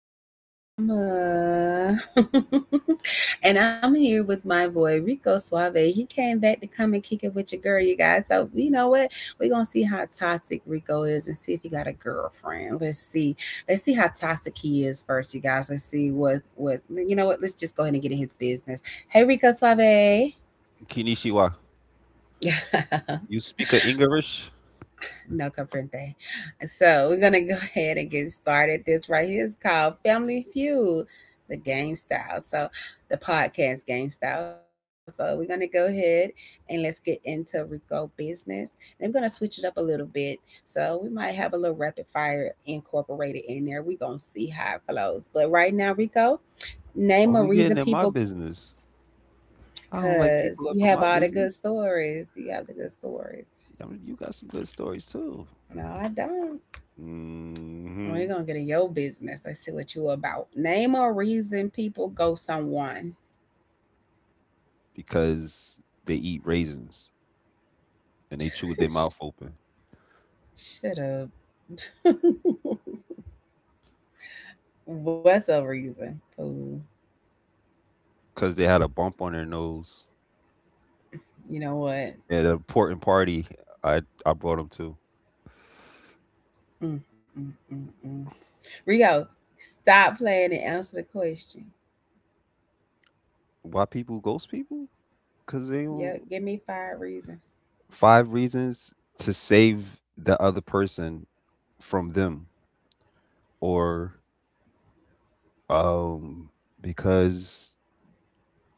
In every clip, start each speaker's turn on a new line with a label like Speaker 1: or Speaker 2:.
Speaker 1: with Yama. And I'm here with my boy Rico Suave. He came back to come and kick it with your girl, you guys. So, you know what? We're going to see how toxic Rico is and see if he got a girlfriend. Let's see. Let's see how toxic he is first, you guys. Let's see you know what? Let's just go ahead and get in his business. Hey, Rico Suave.
Speaker 2: Konnichiwa. You speak of English?
Speaker 1: No comfort. So we're gonna go ahead and get started. This right here is called Family Feud, the game style. So the podcast game style. So we're gonna go ahead and let's get into Rico business. And I'm gonna switch it up a little bit. So we might have a little rapid fire incorporated in there. We're gonna see how it flows. But right now, Rico, name
Speaker 2: Why
Speaker 1: a
Speaker 2: we getting
Speaker 1: reason
Speaker 2: in my
Speaker 1: people.
Speaker 2: business? I don't like people
Speaker 1: Cause
Speaker 2: up
Speaker 1: you
Speaker 2: in
Speaker 1: have
Speaker 2: my
Speaker 1: all the good
Speaker 2: business.
Speaker 1: stories. You have the good stories.
Speaker 2: I mean, you got some good stories too.
Speaker 1: No, I don't. We're
Speaker 2: hmm
Speaker 1: gonna get in your business. I see what you about. Name a reason people go someone.
Speaker 2: Because they eat raisins and they chew with their mouth open.
Speaker 1: Shut up. What's a reason? Ooh,
Speaker 2: Because they had a bump on their nose
Speaker 1: you know what?
Speaker 2: at an important party. I brought them to.
Speaker 1: Mm, mm, mm, mm. Rico, stop playing and answer the question.
Speaker 2: Why people ghost people? Because they don't.
Speaker 1: Yep, give me five reasons.
Speaker 2: Five reasons to save the other person from them, or um because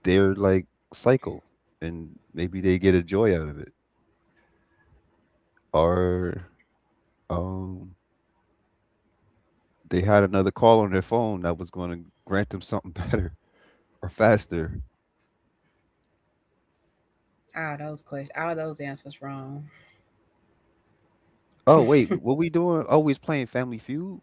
Speaker 2: their cycle, and maybe they get a joy out of it, or um they had another call on their phone that was going to grant them something better or faster.
Speaker 1: All those questions, all those answers wrong.
Speaker 2: Oh wait, what we doing? Oh, we's playing Family Feud.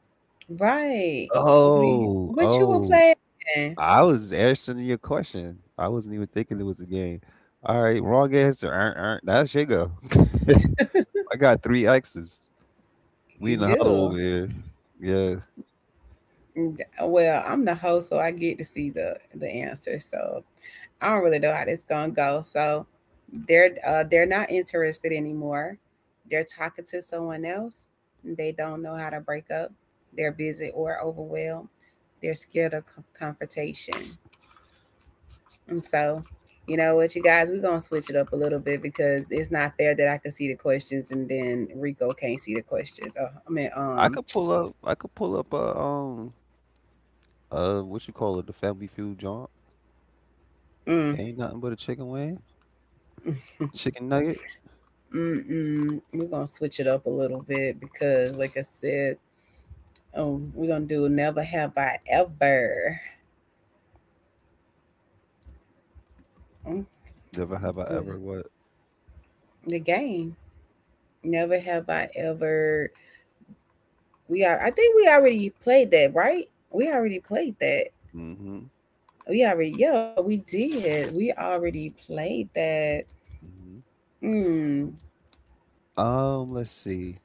Speaker 1: Right. What you
Speaker 2: oh
Speaker 1: what you were
Speaker 2: oh
Speaker 1: playing?
Speaker 2: I was answering your question. I wasn't even thinking it was a game. All right, wrong answer. That's your go. I got three X's. We
Speaker 1: You
Speaker 2: in the huddle
Speaker 1: do.
Speaker 2: over here. Yeah.
Speaker 1: Well, I'm the host, so I get to see the answer. So I don't really know how this gonna go. So they're not interested anymore. They're talking to someone else. They don't know how to break up. They're busy or overwhelmed. They're scared of confrontation. And so, you know what, you guys, we're gonna switch it up a little bit because it's not fair that I can see the questions and then Rico can't see the questions. Oh, I mean,
Speaker 2: I
Speaker 1: um,
Speaker 2: could pull up. I could pull up a what you call it, the Family Feud joint.
Speaker 1: mm,
Speaker 2: Ain't nothing but a chicken wing, chicken nugget.
Speaker 1: mm, mm, we're gonna switch it up a little bit because, like I said, oh, we're gonna do never have I ever. Mm,
Speaker 2: Never have I
Speaker 1: uh,
Speaker 2: ever what?
Speaker 1: The game. Never have I ever. We are. I think we already played that, right? We already played that.
Speaker 2: Mm-hmm.
Speaker 1: We already. Yeah, we did. We already played that.
Speaker 2: Mm-hmm.
Speaker 1: Mm,
Speaker 2: Let's see.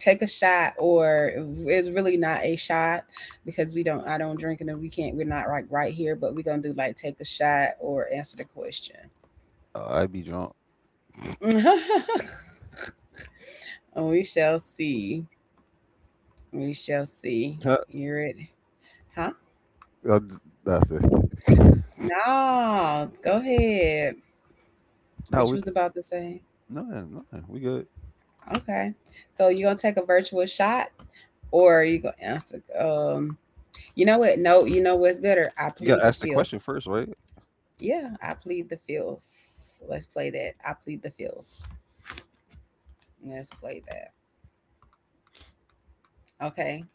Speaker 1: Take a shot, or it's really not a shot because we don't. I don't drink, and we can't. We're not like right here, but we're gonna do like take a shot or answer the question.
Speaker 2: I'd be drunk.
Speaker 1: And we shall see. We shall see.
Speaker 2: Huh,
Speaker 1: Hear it. Huh?
Speaker 2: uh, d- nothing.
Speaker 1: No, go ahead.
Speaker 2: No,
Speaker 1: What you
Speaker 2: we
Speaker 1: was
Speaker 2: could.
Speaker 1: about to say.
Speaker 2: No, no, we good.
Speaker 1: Okay. So you gonna take a virtual shot or you gonna answer you know what? No, you know what's better? I
Speaker 2: You
Speaker 1: plead
Speaker 2: gotta
Speaker 1: the
Speaker 2: ask the
Speaker 1: field.
Speaker 2: question first, right?
Speaker 1: Yeah, I plead the field. Let's play that. I plead the field. Let's play that. Okay.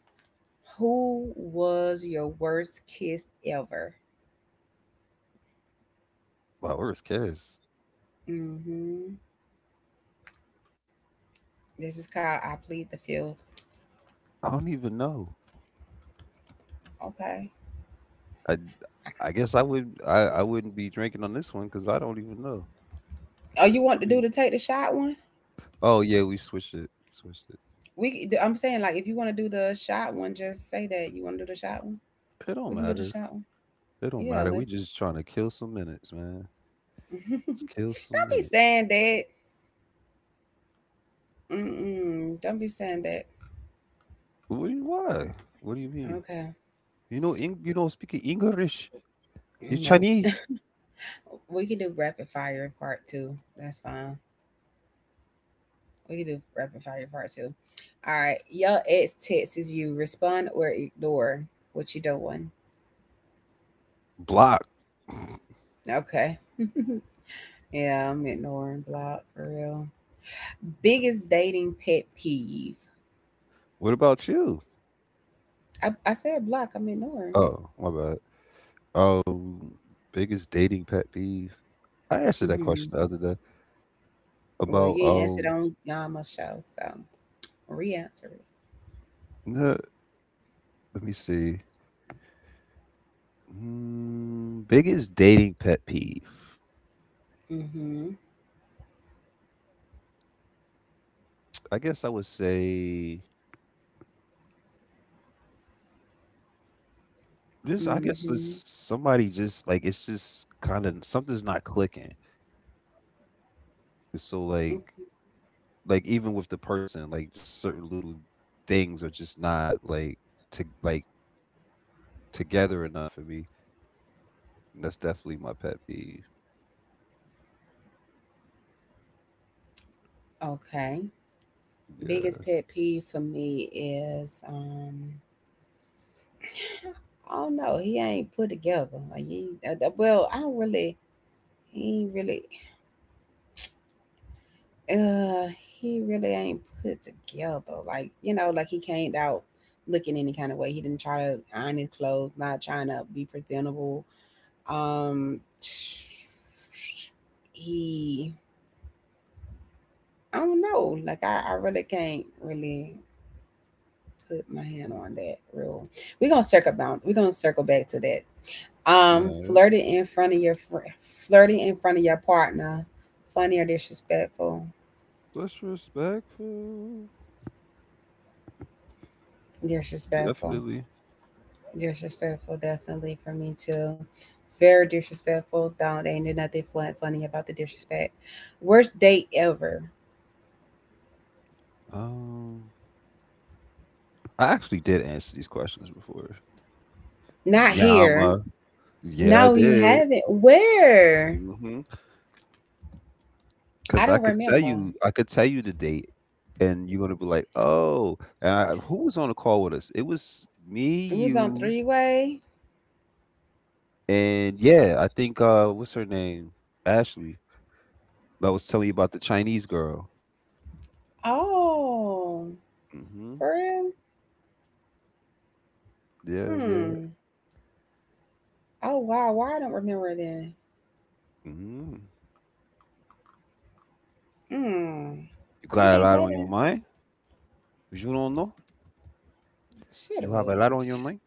Speaker 1: Who was your worst kiss ever?
Speaker 2: Wow, where's Kez?
Speaker 1: Mm-hmm. This is called I plead the field.
Speaker 2: I don't even know.
Speaker 1: Okay.
Speaker 2: I I guess I would, I wouldn't be drinking on this one because I don't even know.
Speaker 1: Oh, you want to do
Speaker 2: We-
Speaker 1: the take the shot one?
Speaker 2: Oh yeah, we switched it. We switched it.
Speaker 1: I'm saying like if you want to do the shot one, just say that you want to do the shot one.
Speaker 2: It don't
Speaker 1: We can do the
Speaker 2: matter.
Speaker 1: shot one.
Speaker 2: It don't
Speaker 1: Yeah,
Speaker 2: matter.
Speaker 1: let's.
Speaker 2: We just trying to kill some minutes, man. Just kill some
Speaker 1: Don't be
Speaker 2: minutes.
Speaker 1: saying that. Mm-mm, don't be saying that.
Speaker 2: What do you, why? What do you mean?
Speaker 1: Okay.
Speaker 2: You know, Eng- you don't speak English. You
Speaker 1: Nope.
Speaker 2: Chinese.
Speaker 1: We can do rapid fire part two. That's fine. We can do rapid fire part two. All right. Your ex texts you. Respond or ignore, what you doing?
Speaker 2: Block.
Speaker 1: Okay. Yeah, I'm ignoring block for real. Biggest dating pet peeve.
Speaker 2: What about you?
Speaker 1: I said block. I'm ignoring.
Speaker 2: Oh, my bad. Um, Biggest dating pet peeve. I answered that
Speaker 1: Mhm.
Speaker 2: question the other day
Speaker 1: Well,
Speaker 2: about.
Speaker 1: you ain't answered on Yama's show, so re-answer it.
Speaker 2: Let me see. Mm, biggest dating pet peeve.
Speaker 1: Mhm.
Speaker 2: I guess I would say this. I guess was
Speaker 1: Mhm.
Speaker 2: somebody just like it's just kind of something's not clicking. It's so
Speaker 1: Mm,
Speaker 2: like even with the person, like just certain little things are just not like to like together enough for me. And that's definitely my pet peeve.
Speaker 1: Okay.
Speaker 2: Yeah.
Speaker 1: Biggest pet peeve for me is I don't know, he ain't put together. Like he, well, I don't really he ain't really uh he really ain't put together. Like, you know, like he came out looking any kind of way. He didn't try to iron his clothes, not trying to be presentable. Um, he, I don't know. Like I really can't really put my hand on that. Real. We're gonna circle bound. We're gonna circle back to that.
Speaker 2: Alright.
Speaker 1: Flirting in front of your flirting in front of your partner, funny or disrespectful?
Speaker 2: Disrespectful.
Speaker 1: Disrespectful.
Speaker 2: Definitely.
Speaker 1: Disrespectful, definitely for me too. Very disrespectful. Don't ain't nothing funny about the disrespect. Worst date ever.
Speaker 2: Um, I actually did answer these questions before.
Speaker 1: Not here.
Speaker 2: Yama. Yeah, I
Speaker 1: No, you
Speaker 2: did.
Speaker 1: haven't. Where?
Speaker 2: Because
Speaker 1: I
Speaker 2: I
Speaker 1: don't
Speaker 2: could tell
Speaker 1: remember.
Speaker 2: you I could tell you the date, and you're gonna be like, "Oh," and I who was on the call with us? It was me,
Speaker 1: It was on
Speaker 2: you,
Speaker 1: three way.
Speaker 2: and yeah, I think, what's her name? Ashley, that was telling you about the Chinese girl.
Speaker 1: Oh,
Speaker 2: Mhm.
Speaker 1: for real?
Speaker 2: Yeah, yeah.
Speaker 1: Hmm. Oh wow. Why I don't remember then?
Speaker 2: Mhm.
Speaker 1: Hmm.
Speaker 2: You
Speaker 1: We
Speaker 2: got a
Speaker 1: can't
Speaker 2: lot
Speaker 1: play
Speaker 2: on your
Speaker 1: that.
Speaker 2: mind? You don't know?
Speaker 1: Shut
Speaker 2: You have a
Speaker 1: up.
Speaker 2: lot on your mind?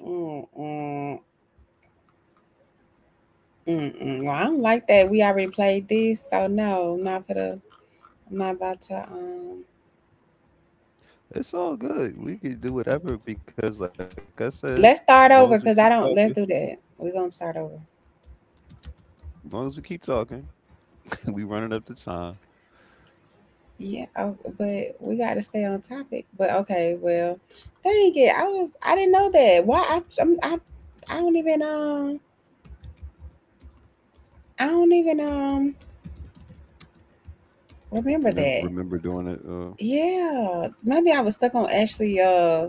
Speaker 1: Mm, mm, mm, mm. Well, I don't like that. We already played this, so no, I'm not gonna. I'm not about to.
Speaker 2: It's all good. We can do whatever because, like I said, long
Speaker 1: Let's
Speaker 2: as we
Speaker 1: start
Speaker 2: keep
Speaker 1: over because
Speaker 2: talking,
Speaker 1: I don't. Let's do that. We're gonna start over.
Speaker 2: long as we keep talking, we running up the time.
Speaker 1: Yeah, oh, but we got to stay on topic. But okay, well, dang it, I didn't know that. Why I I'm, I don't even I don't even um remember that.
Speaker 2: Remember doing it,
Speaker 1: Yeah, maybe I was stuck on Ashley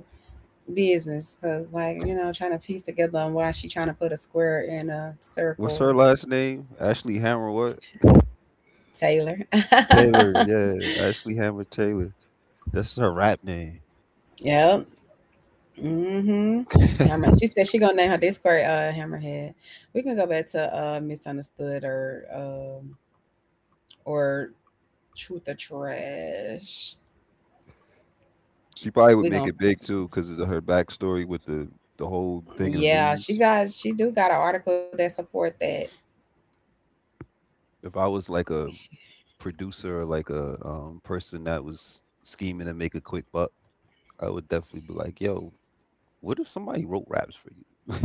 Speaker 1: business because like you know trying to piece together on why she trying to put a square in a
Speaker 2: what's
Speaker 1: circle.
Speaker 2: her last name? Ashley Hammer what?
Speaker 1: Taylor.
Speaker 2: Taylor. Yeah, Ashley Hammer Taylor. That's her rap name.
Speaker 1: Yep. Mhm. Hammer. She said she gonna name her Discord Hammerhead. We can go back to misunderstood or truth or trash.
Speaker 2: She probably would
Speaker 1: We
Speaker 2: make
Speaker 1: gonna
Speaker 2: it
Speaker 1: find
Speaker 2: big too
Speaker 1: something.
Speaker 2: because of her backstory with the whole thing in the
Speaker 1: Yeah,
Speaker 2: news.
Speaker 1: she do got an article that support that.
Speaker 2: If I was like
Speaker 1: She,
Speaker 2: a producer or like a person that was scheming to make a quick buck, I would definitely be like, "Yo, what if somebody wrote raps for you?"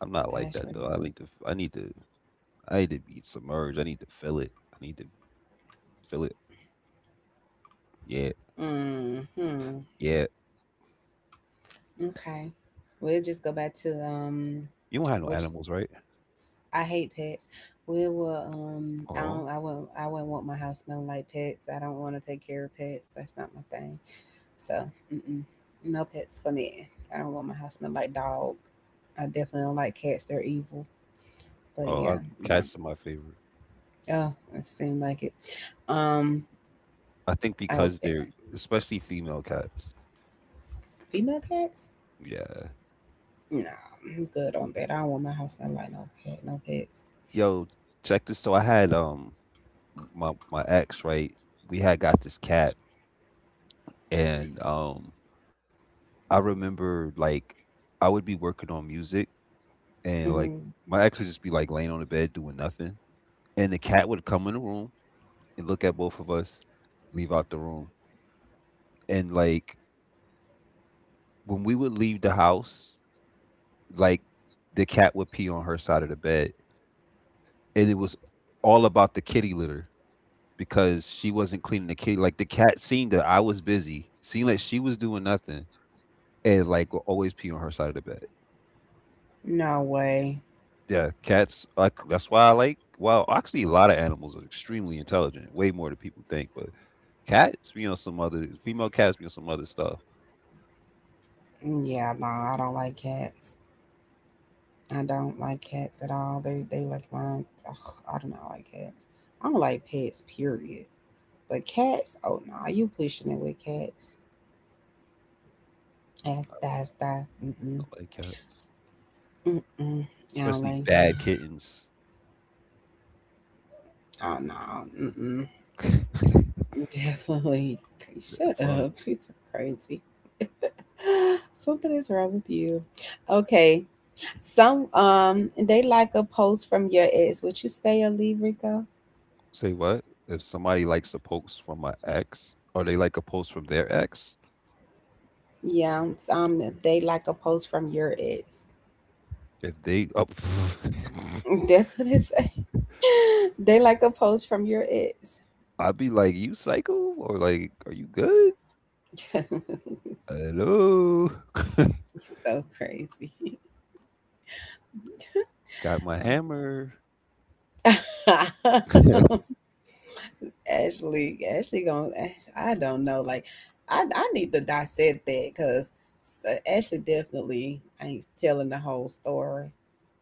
Speaker 2: I'm not like that
Speaker 1: Ashley.
Speaker 2: though. I need to be submerged. I need to feel it. I need to feel it. Yeah,
Speaker 1: Hmm.
Speaker 2: yeah.
Speaker 1: Okay. We'll just go back to
Speaker 2: You don't have no
Speaker 1: which is
Speaker 2: animals, right?
Speaker 1: I hate pets. We will I
Speaker 2: Oh.
Speaker 1: don't I won't I wouldn't want my house smelling like pets. I don't want to take care of pets. That's not my thing. So mm-mm. No pets for me. I don't want my house smelling like dog. I definitely don't like cats. They're evil. But
Speaker 2: Oh, I,
Speaker 1: yeah, no.
Speaker 2: cats are my favorite.
Speaker 1: Oh, it seemed like it. Um,
Speaker 2: I think
Speaker 1: I hope
Speaker 2: because
Speaker 1: that
Speaker 2: they're especially female cats.
Speaker 1: female cats.
Speaker 2: Yeah.
Speaker 1: No, I'm good on that. I don't want my house smell like no pet, no pets.
Speaker 2: Yo, check this. So I had my my ex right. We had got this cat, and I remember like I would be working on music, and
Speaker 1: Mm,
Speaker 2: like my ex would just be like laying on the bed doing nothing, and the cat would come in the room and look at both of us, leave out the room, and like when we would leave the house, like the cat would pee on her side of the bed, and it was all about the kitty litter because she wasn't cleaning the kitty. Like the cat seen that I was busy, seen that she was doing nothing, and like will always pee on her side of the bed.
Speaker 1: no way.
Speaker 2: Yeah, cats. Like that's why I like. Well, actually, a lot of animals are extremely intelligent, way more than people think. But cats be on some other, female cats be on some other stuff.
Speaker 1: Yeah, no, I don't like cats. I don't like cats at all. They like mine. Ugh, I do not like cats. I don't like pets. Period. But cats. Oh no, you pushing it with cats. That's. Mm, mm,
Speaker 2: I like cats,
Speaker 1: mm, mm. I don't
Speaker 2: especially
Speaker 1: like.
Speaker 2: bad
Speaker 1: Cats.
Speaker 2: kittens.
Speaker 1: Oh no.
Speaker 2: They're
Speaker 1: Definitely. Okay, shut
Speaker 2: fun.
Speaker 1: up. She's so crazy. Something is wrong with you. Okay. Some they like a post from your ex. Would you stay or leave, Rico?
Speaker 2: Say what? If somebody likes a post from my ex, or they like a post from their ex,
Speaker 1: Yeah, they like a post from your ex.
Speaker 2: if they up,
Speaker 1: That's what it say. They like a post from your ex.
Speaker 2: I'd be like, "You psycho?" Or like, "Are you good?"
Speaker 1: You're
Speaker 2: Hello, I
Speaker 1: so crazy.
Speaker 2: got my hammer.
Speaker 1: Ashley going I don't know. Like, I need to dissect that because Ashley definitely ain't telling the whole story.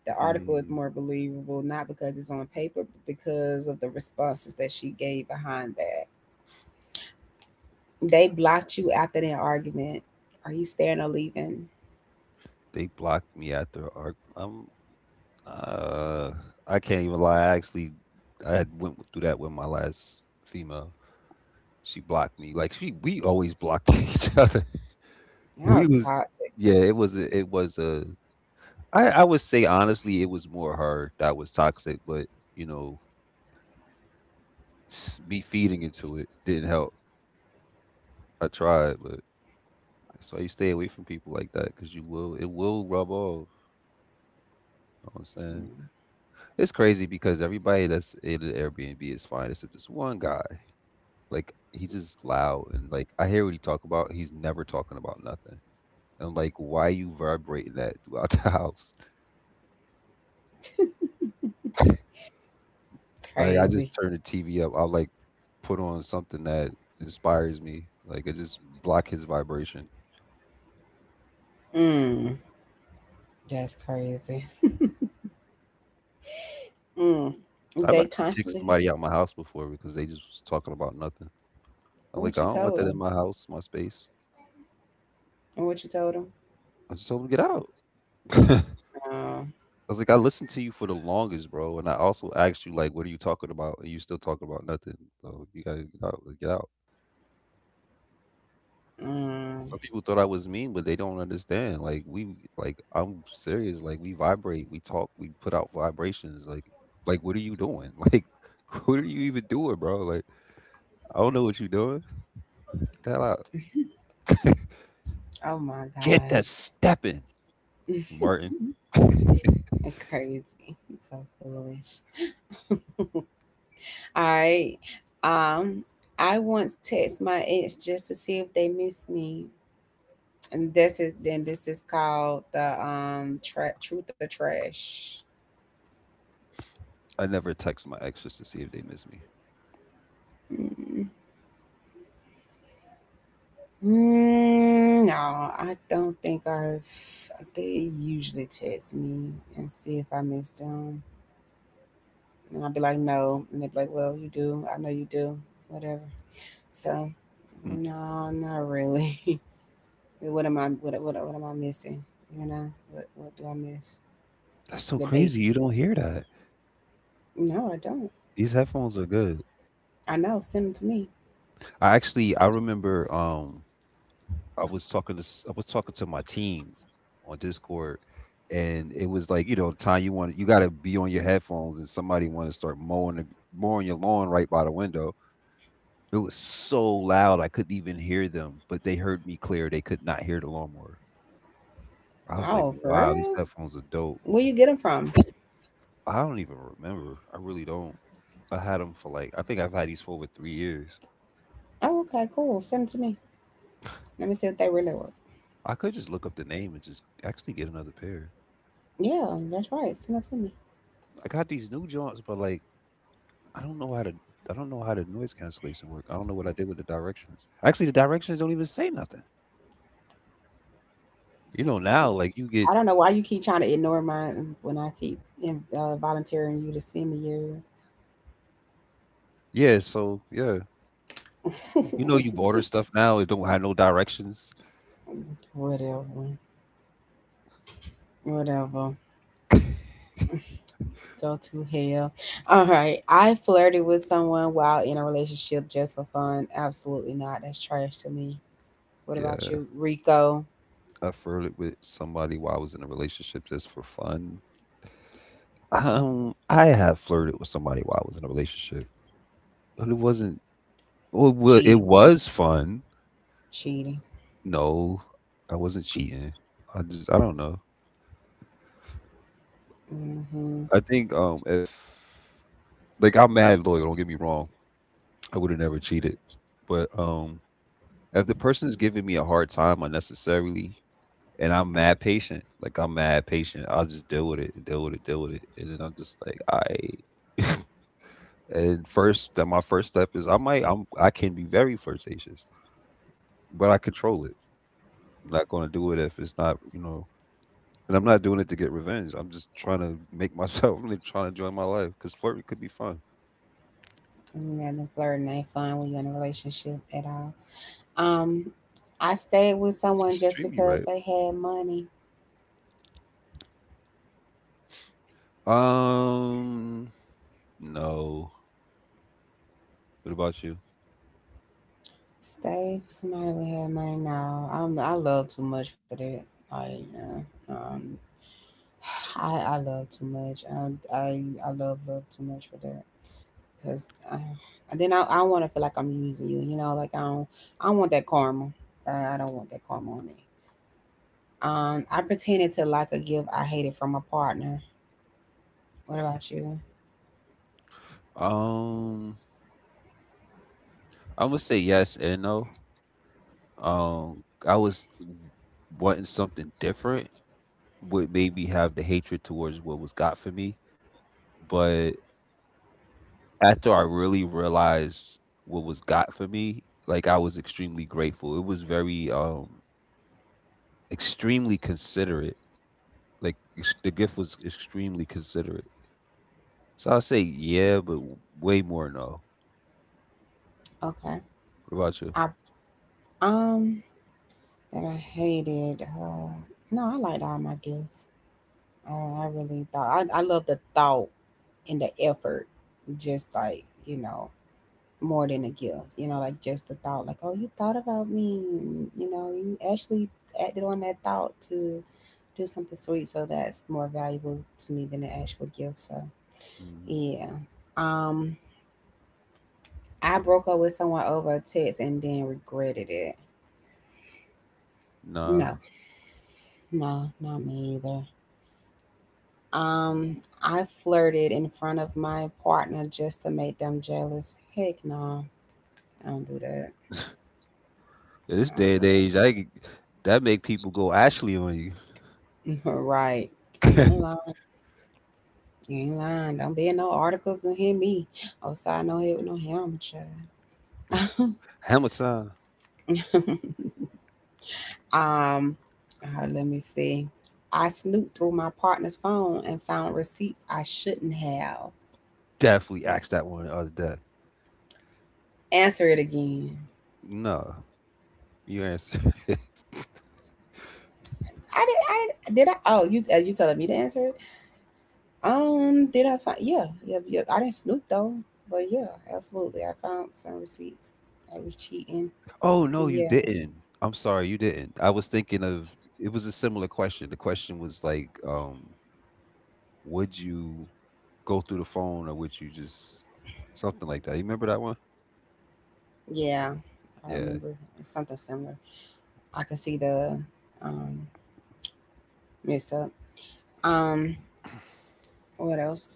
Speaker 1: The article is
Speaker 2: Hmm.
Speaker 1: more believable not because it's on paper, but because of the responses that she gave behind that. They blocked you after that argument. Are you staying or leaving?
Speaker 2: They blocked me after art. Am uh, I can't even lie. I had went through that with my last female. She blocked me. Like she, we always blocked each other.
Speaker 1: Y'all
Speaker 2: We was,
Speaker 1: toxic,
Speaker 2: yeah, it was a. I would say honestly, it was more her that was toxic, but you know, me feeding into it didn't help. I tried, but that's why you stay away from people like that because you will, it will rub off. You know what I'm saying, it's crazy because everybody that's in the Airbnb is fine except this one guy. Like he's just loud and like I hear what he talk about. He's never talking about nothing. And I'm like, why you vibrating that throughout the house? Like I
Speaker 1: crazy.
Speaker 2: just turn the TV up. I'll like put on something that inspires me. Like I just block his vibration.
Speaker 1: Mm, that's crazy. Mm.
Speaker 2: I've
Speaker 1: They
Speaker 2: actually kicked
Speaker 1: constantly
Speaker 2: somebody out my house before because they just was talking about nothing. I'm like,
Speaker 1: what
Speaker 2: I
Speaker 1: you
Speaker 2: don't want
Speaker 1: told
Speaker 2: that in
Speaker 1: them
Speaker 2: my house, my space.
Speaker 1: and what you told them?
Speaker 2: I just told them get out. I
Speaker 1: Mm,
Speaker 2: was like, I listened to you for the longest, bro, and I also asked you like, what are you talking about? And you still talking about nothing. So you gotta get out. Like, get out. Some
Speaker 1: mm.
Speaker 2: people thought I was mean, but they don't understand. Like we, like I'm serious. Like we vibrate, we talk, we put out vibrations. Like what are you doing? Like, what are you even doing, bro? Like, I don't know what you are doing. Get that out.
Speaker 1: Oh my
Speaker 2: Get that
Speaker 1: gosh.
Speaker 2: stepping. Martin.
Speaker 1: And crazy. It's so foolish. All right. Um, I once text my ex just to see if they miss me. And this is then this is called the truth or trash.
Speaker 2: I never text my exes to see if they miss me.
Speaker 1: Mm. No, I don't think I've. They usually text me and see if I miss them, and I'll be like, no, and they'd be like, well, you do. I know you do. Whatever. So
Speaker 2: Mm.
Speaker 1: no, not really. What am I? What am I missing? You know, what do I miss?
Speaker 2: That's so
Speaker 1: The dates?
Speaker 2: crazy. You don't hear that.
Speaker 1: No, I don't.
Speaker 2: These headphones are good.
Speaker 1: I know. Send them to me.
Speaker 2: I remember I was talking to I was talking to my team on Discord, and it was like, you know, the time you want, you got to be on your headphones and somebody want to start mowing the, mowing your lawn right by the window. It was so loud I couldn't even hear them, but they heard me clear. They could not hear the lawnmower. I was like,
Speaker 1: Oh, for
Speaker 2: "Wow, these
Speaker 1: real?
Speaker 2: headphones are dope."
Speaker 1: Where you get them from?
Speaker 2: I don't even remember. I really don't. I had them for like, I think I've had these for over 3 years.
Speaker 1: Oh, okay, cool. Send them to me. Let me see if they really work.
Speaker 2: I could just look up the name and just actually get another pair.
Speaker 1: Yeah, that's right. Send them to me.
Speaker 2: I got these new joints, but like I don't know how to. I don't know how the noise cancellation work. I don't know what I did with the directions. Actually, the directions don't even say nothing. You know now, like you get
Speaker 1: I don't know why you keep trying to ignore mine when I keep volunteering you to send me yours.
Speaker 2: yeah. So yeah, you know you order stuff now. It don't have no directions.
Speaker 1: Whatever. Whatever. Go to hell. All right. I flirted with someone while in a relationship just for fun. Absolutely not. That's trash to me. What about
Speaker 2: Yeah,
Speaker 1: you, Rico?
Speaker 2: I flirted with somebody while I was in a relationship just for fun. I have flirted with somebody while I was in a relationship. But it wasn't. Well, it
Speaker 1: Cheating.
Speaker 2: was fun.
Speaker 1: Cheating.
Speaker 2: No, I wasn't cheating. I don't know.
Speaker 1: Mm-hmm.
Speaker 2: I think if like I'm mad loyal, don't get me wrong. I would have never cheated. But if the person's giving me a hard time unnecessarily, and I'm mad patient, like I'm mad patient, I'll just deal with it, and then I'm just like, I. And first, that my first step is I might I'm I can be very flirtatious, but I control it. I'm not gonna do it if it's not, you know. And I'm not doing it to get revenge. I'm just trying to make myself. I'm really trying to enjoy my life because flirting could be fun.
Speaker 1: Nothing flirting ain't fun when you're in a relationship at all. Um, I stayed with
Speaker 2: She
Speaker 1: someone
Speaker 2: should
Speaker 1: just
Speaker 2: treat me
Speaker 1: because
Speaker 2: right.
Speaker 1: they had money.
Speaker 2: Um, no. What about you?
Speaker 1: Stay with somebody who had money. No, I love too much for that. Like, I love too much. I love too much for that. Cause uh, and then I want to feel like I'm using you. You know, like I don't want that karma. I don't want that karma on me. I pretended to like a gift I hated from a partner. What about you?
Speaker 2: Um, I'm gonna say yes and no. Um, I was w- wanting something different. What made me have the hatred towards what was got for me, but after I really realized what was got for me, like I was extremely grateful. It was very extremely considerate. The gift was extremely considerate. So I say yeah, but way more no.
Speaker 1: Okay.
Speaker 2: What about you?
Speaker 1: I um that I hated. No, I liked all my gifts. I really thought I love the thought and the effort. Just like you know. more than a gift. You know, like just the thought, like, oh, you thought about me, and you actually acted on that thought to do something sweet. So that's more valuable to me than the actual gift. So
Speaker 2: hmm
Speaker 1: yeah, um, I broke up with someone over a text and then regretted it. No,
Speaker 2: Nah.
Speaker 1: no, not me either. Um, I flirted in front of my partner just to make them jealous. Heck no, I don't do that.
Speaker 2: In this
Speaker 1: I don't
Speaker 2: day and
Speaker 1: do
Speaker 2: age, I could- that make people go Ashley on you.
Speaker 1: that. Right. You lying. You ain't lying. Don't be in no article. Can hear me. Oh, side no head with no helmet, child.
Speaker 2: Hammer time.
Speaker 1: um, Let me see. I snooped through my partner's phone and found receipts I shouldn't have.
Speaker 2: Definitely asked that one the other day.
Speaker 1: Answer it again.
Speaker 2: No, you answer.
Speaker 1: I did. I did. Did I? Oh, you. You telling me to answer it? Did I find? Yeah, yeah, yeah. I didn't snoop though, but yeah, absolutely. I found some receipts. I was cheating.
Speaker 2: Oh
Speaker 1: So
Speaker 2: no, you
Speaker 1: yeah,
Speaker 2: didn't. I'm sorry, you didn't. I was thinking of it was a similar question. The question was like, would you go through the phone or would you just something like that? You remember that one?
Speaker 1: yeah. I
Speaker 2: Yeah.
Speaker 1: remember it's something similar. I can see the um, mess up. Um, what else?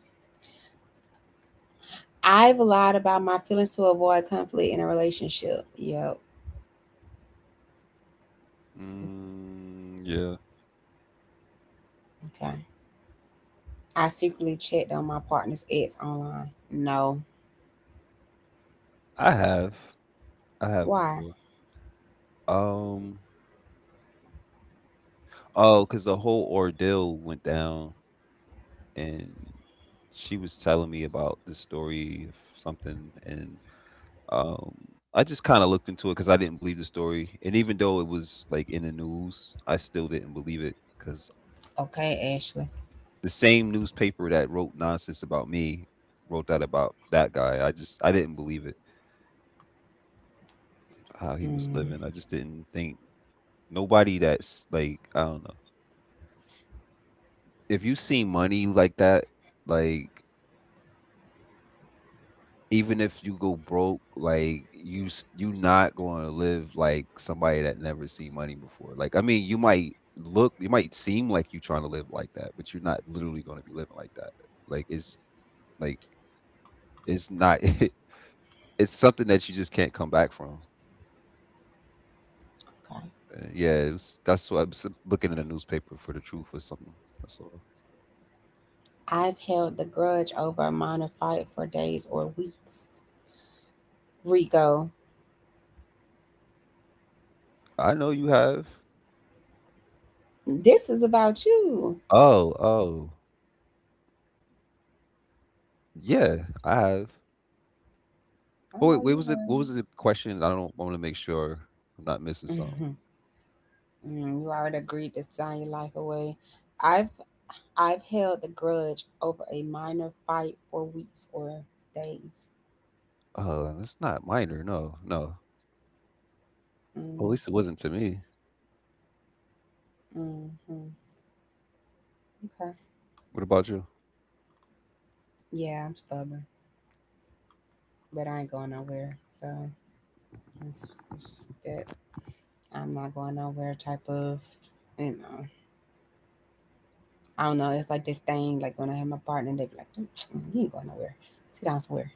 Speaker 1: I've lied about my feelings to avoid conflict in a relationship. Yep.
Speaker 2: Mm, yeah,
Speaker 1: Okay. I secretly checked on my partner's ex online. No.
Speaker 2: I have, I have
Speaker 1: Why?
Speaker 2: before. Um, oh, because the whole ordeal went down, and she was telling me about the story of something, and I just kind of looked into it because I didn't believe the story, and even though it was like in the news, I still didn't believe it because
Speaker 1: Okay, Ashley.
Speaker 2: the same newspaper that wrote nonsense about me wrote that about that guy. I just I didn't believe it how he was
Speaker 1: Mm,
Speaker 2: living. I just didn't think nobody that's like, I don't know, if you see money like that, like even if you go broke, like you s- you not going to live like somebody that never seen money before. Like I mean, you might look, you might seem like you trying to live like that, but you're not literally going to be living like that. Like it's like it's not. It's something that you just can't come back from. Yeah, it was, that's what I was looking in the newspaper for the truth or something. That's all.
Speaker 1: okay. I've held the grudge over a minor fight for days or weeks. Rico,
Speaker 2: I know you have.
Speaker 1: this is about you.
Speaker 2: Oh, oh, yeah, I have.
Speaker 1: I
Speaker 2: Oh, wait,
Speaker 1: know you
Speaker 2: what
Speaker 1: have.
Speaker 2: was the question? I don't want to make sure I'm not missing something.
Speaker 1: Mhm. Mm, you already agreed to sign your life away. I've I've held the grudge over a minor fight for weeks or days.
Speaker 2: That's not minor. No, no. Well, at
Speaker 1: Mm,
Speaker 2: least it wasn't to me.
Speaker 1: mm, mm. Okay.
Speaker 2: What about you?
Speaker 1: Yeah, I'm stubborn, but I ain't going nowhere. So it's just that I'm not going nowhere type of, you know. I don't know. It's like this thing. Like when I have my partner, they be like, "Mm, mm, you ain't going nowhere. Sit down somewhere."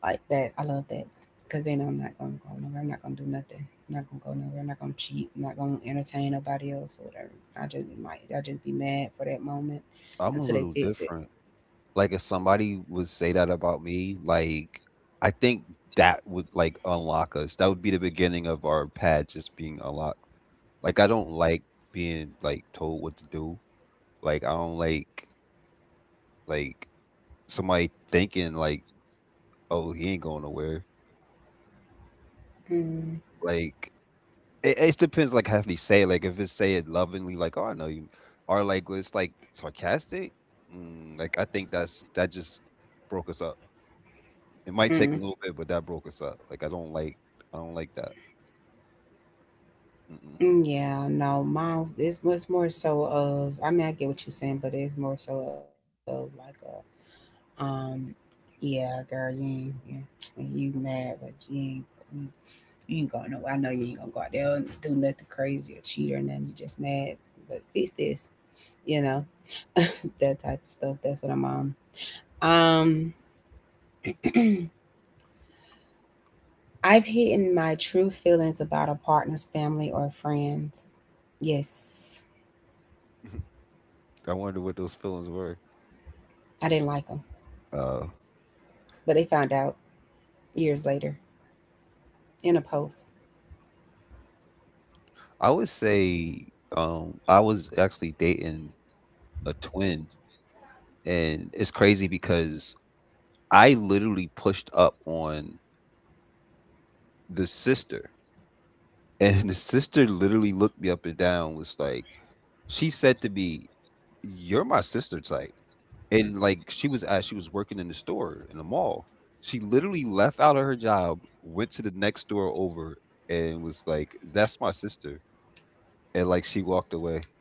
Speaker 1: Like that. I love that because then I'm not gonna go nowhere. I'm not gonna do nothing. I'm not gonna go nowhere. I'm not gonna cheat. I'm not gonna entertain nobody else or whatever. I just be might. I just be mad for that moment
Speaker 2: I'm a
Speaker 1: until they
Speaker 2: little
Speaker 1: fix it.
Speaker 2: different. Like if somebody would say that about me, like I think that would like unlock us. That would be the beginning of our pad just being unlocked. Like I don't like being like told what to do. Like I don't like, somebody thinking like, oh, he ain't going nowhere.
Speaker 1: Mm,
Speaker 2: Like it depends like how they say it. Like if it's say it lovingly like, oh, I know you, or like when it's like sarcastic, mm, like I think that's that just broke us up. It might take a
Speaker 1: mm,
Speaker 2: little bit but that broke us up. Like I don't like, I don't like that. Mm-mm.
Speaker 1: mm, yeah, no, mine. It's more so of. I mean, I get what you're saying, but it's more so of like Um, yeah, girl, you ain't, yeah, and you mad, but you ain't, mm, you ain't going nowhere. I know you ain't gonna go out there and do nothing crazy or cheat or nothing. You just mad, but fix this, you know, that type of stuff. That's what I'm on. Um, I've hidden my true feelings about a partner's family or friends. Yes,
Speaker 2: I wonder what those feelings were.
Speaker 1: I didn't like them,
Speaker 2: uh
Speaker 1: but they found out years later in a post.
Speaker 2: I would say, I was actually dating a twin, and it's crazy because I literally pushed up on the sister. And the sister literally looked me up and down, was like, she said to me, "You're my sister type." And like she was at, she was working in the store in the mall. She literally left out of her job, went to the next door over, and was like, "That's my sister." And like she walked away.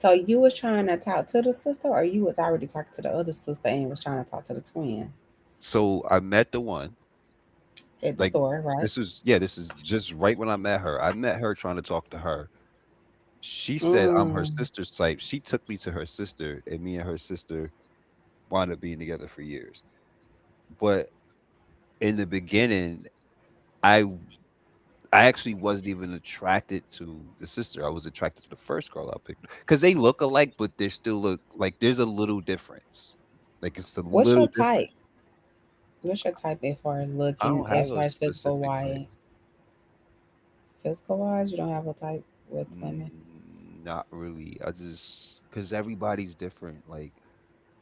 Speaker 1: So you was trying to talk to the sister, or you was already talking to the other sister and was trying to talk to the twin
Speaker 2: So I met the one.
Speaker 1: at the
Speaker 2: Like
Speaker 1: store, right?
Speaker 2: this is, yeah, this is just right when I met her. I met her trying to talk to her. She said I'm her
Speaker 1: Mm.
Speaker 2: sister's type. She took me to her sister, and me and her sister wound up being together for years. But in the beginning, i I actually wasn't even attracted to the sister, I was attracted to the first girl I picked because they look alike but they still look like there's a little difference. Like it's a
Speaker 1: What's your
Speaker 2: little
Speaker 1: type?
Speaker 2: difference.
Speaker 1: What's your type as far as
Speaker 2: I
Speaker 1: looking,
Speaker 2: don't
Speaker 1: as
Speaker 2: have
Speaker 1: far
Speaker 2: a
Speaker 1: as physical
Speaker 2: specific type.
Speaker 1: wise? Physical wise, you don't have a type with women.
Speaker 2: Mm, not really, I just because everybody's different. Like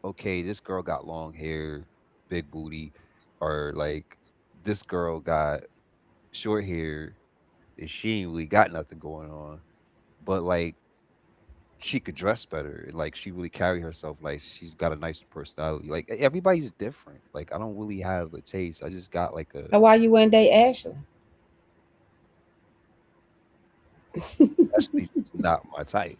Speaker 2: okay, this girl got long hair, big booty, or like this girl got short hair and she ain't really got nothing going on, but like she could dress better and like she really carry herself, like she's got a nice personality. Like e- everybody's different, like I don't really have a taste, I just got like a,
Speaker 1: So why you wouldn't date Ashley?
Speaker 2: that's at least not my type.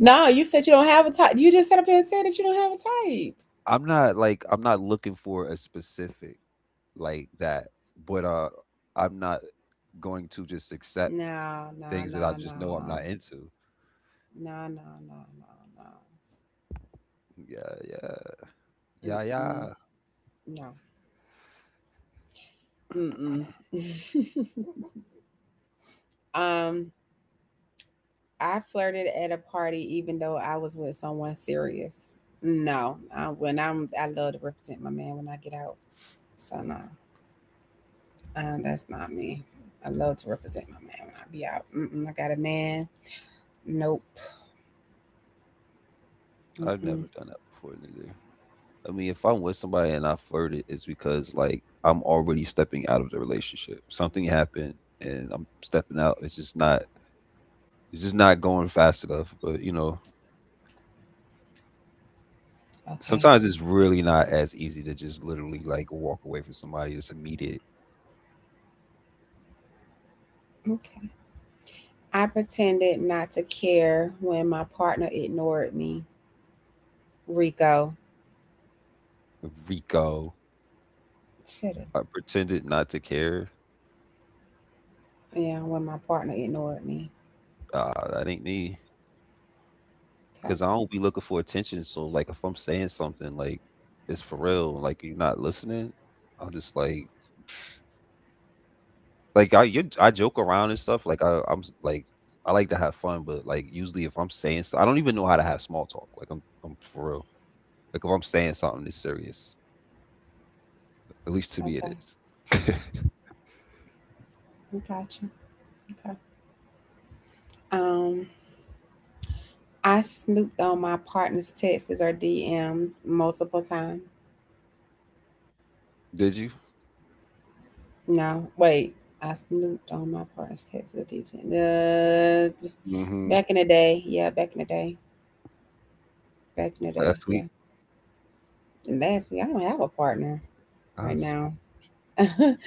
Speaker 1: No, you said you don't have a type. You just sat up here and said that you don't have a type.
Speaker 2: I'm not like, I'm not looking for a specific like that, but I'm not going to just accept
Speaker 1: No, no,
Speaker 2: things that I
Speaker 1: no,
Speaker 2: just
Speaker 1: no,
Speaker 2: know I'm not into.
Speaker 1: no, no,
Speaker 2: Yeah, yeah, yeah,
Speaker 1: no,
Speaker 2: yeah.
Speaker 1: no, no. Mm-mm, no. Mm-mm. Um, I flirted at a party even though I was with someone serious. No, I, when I'm, I love to represent my man when I get out. So no, that's not me. I love to represent my man when I be out. Mm-mm, I got a man. Nope.
Speaker 2: I've never
Speaker 1: Mm-mm.
Speaker 2: done that before neither. I mean, if I'm with somebody and I flirted, it's because like I'm already stepping out of the relationship. Something happened and I'm stepping out. It's just not, it's just not going fast enough. But you know,
Speaker 1: Okay.
Speaker 2: sometimes it's really not as easy to just literally like walk away from somebody that's immediate.
Speaker 1: Okay. I pretended not to care when my partner ignored me. Rico.
Speaker 2: Rico,
Speaker 1: Shoulda.
Speaker 2: I pretended not to care.
Speaker 1: Yeah, when my partner ignored me.
Speaker 2: That ain't me.
Speaker 1: Okay.
Speaker 2: Cause I don't be looking for attention. So like if I'm saying something like it's for real, like you're not listening, I'm just like I joke around and stuff. Like I, I'm s- like I like to have fun, but like usually if I'm saying stuff, I don't even know how to have small talk. Like I'm for real. Like if I'm saying something that's serious, at least to me it
Speaker 1: Okay.
Speaker 2: is.
Speaker 1: I got you. Okay. Um, I snooped on my partner's texts or DMs multiple times.
Speaker 2: Did you?
Speaker 1: No, wait. I snooped on my partner's texts or DMs. Uh,
Speaker 2: Mm-hmm.
Speaker 1: back in the day, yeah, back in the day, back in the day,
Speaker 2: Last
Speaker 1: yeah.
Speaker 2: week,
Speaker 1: And last week, I don't have a partner
Speaker 2: I
Speaker 1: right
Speaker 2: was,
Speaker 1: now.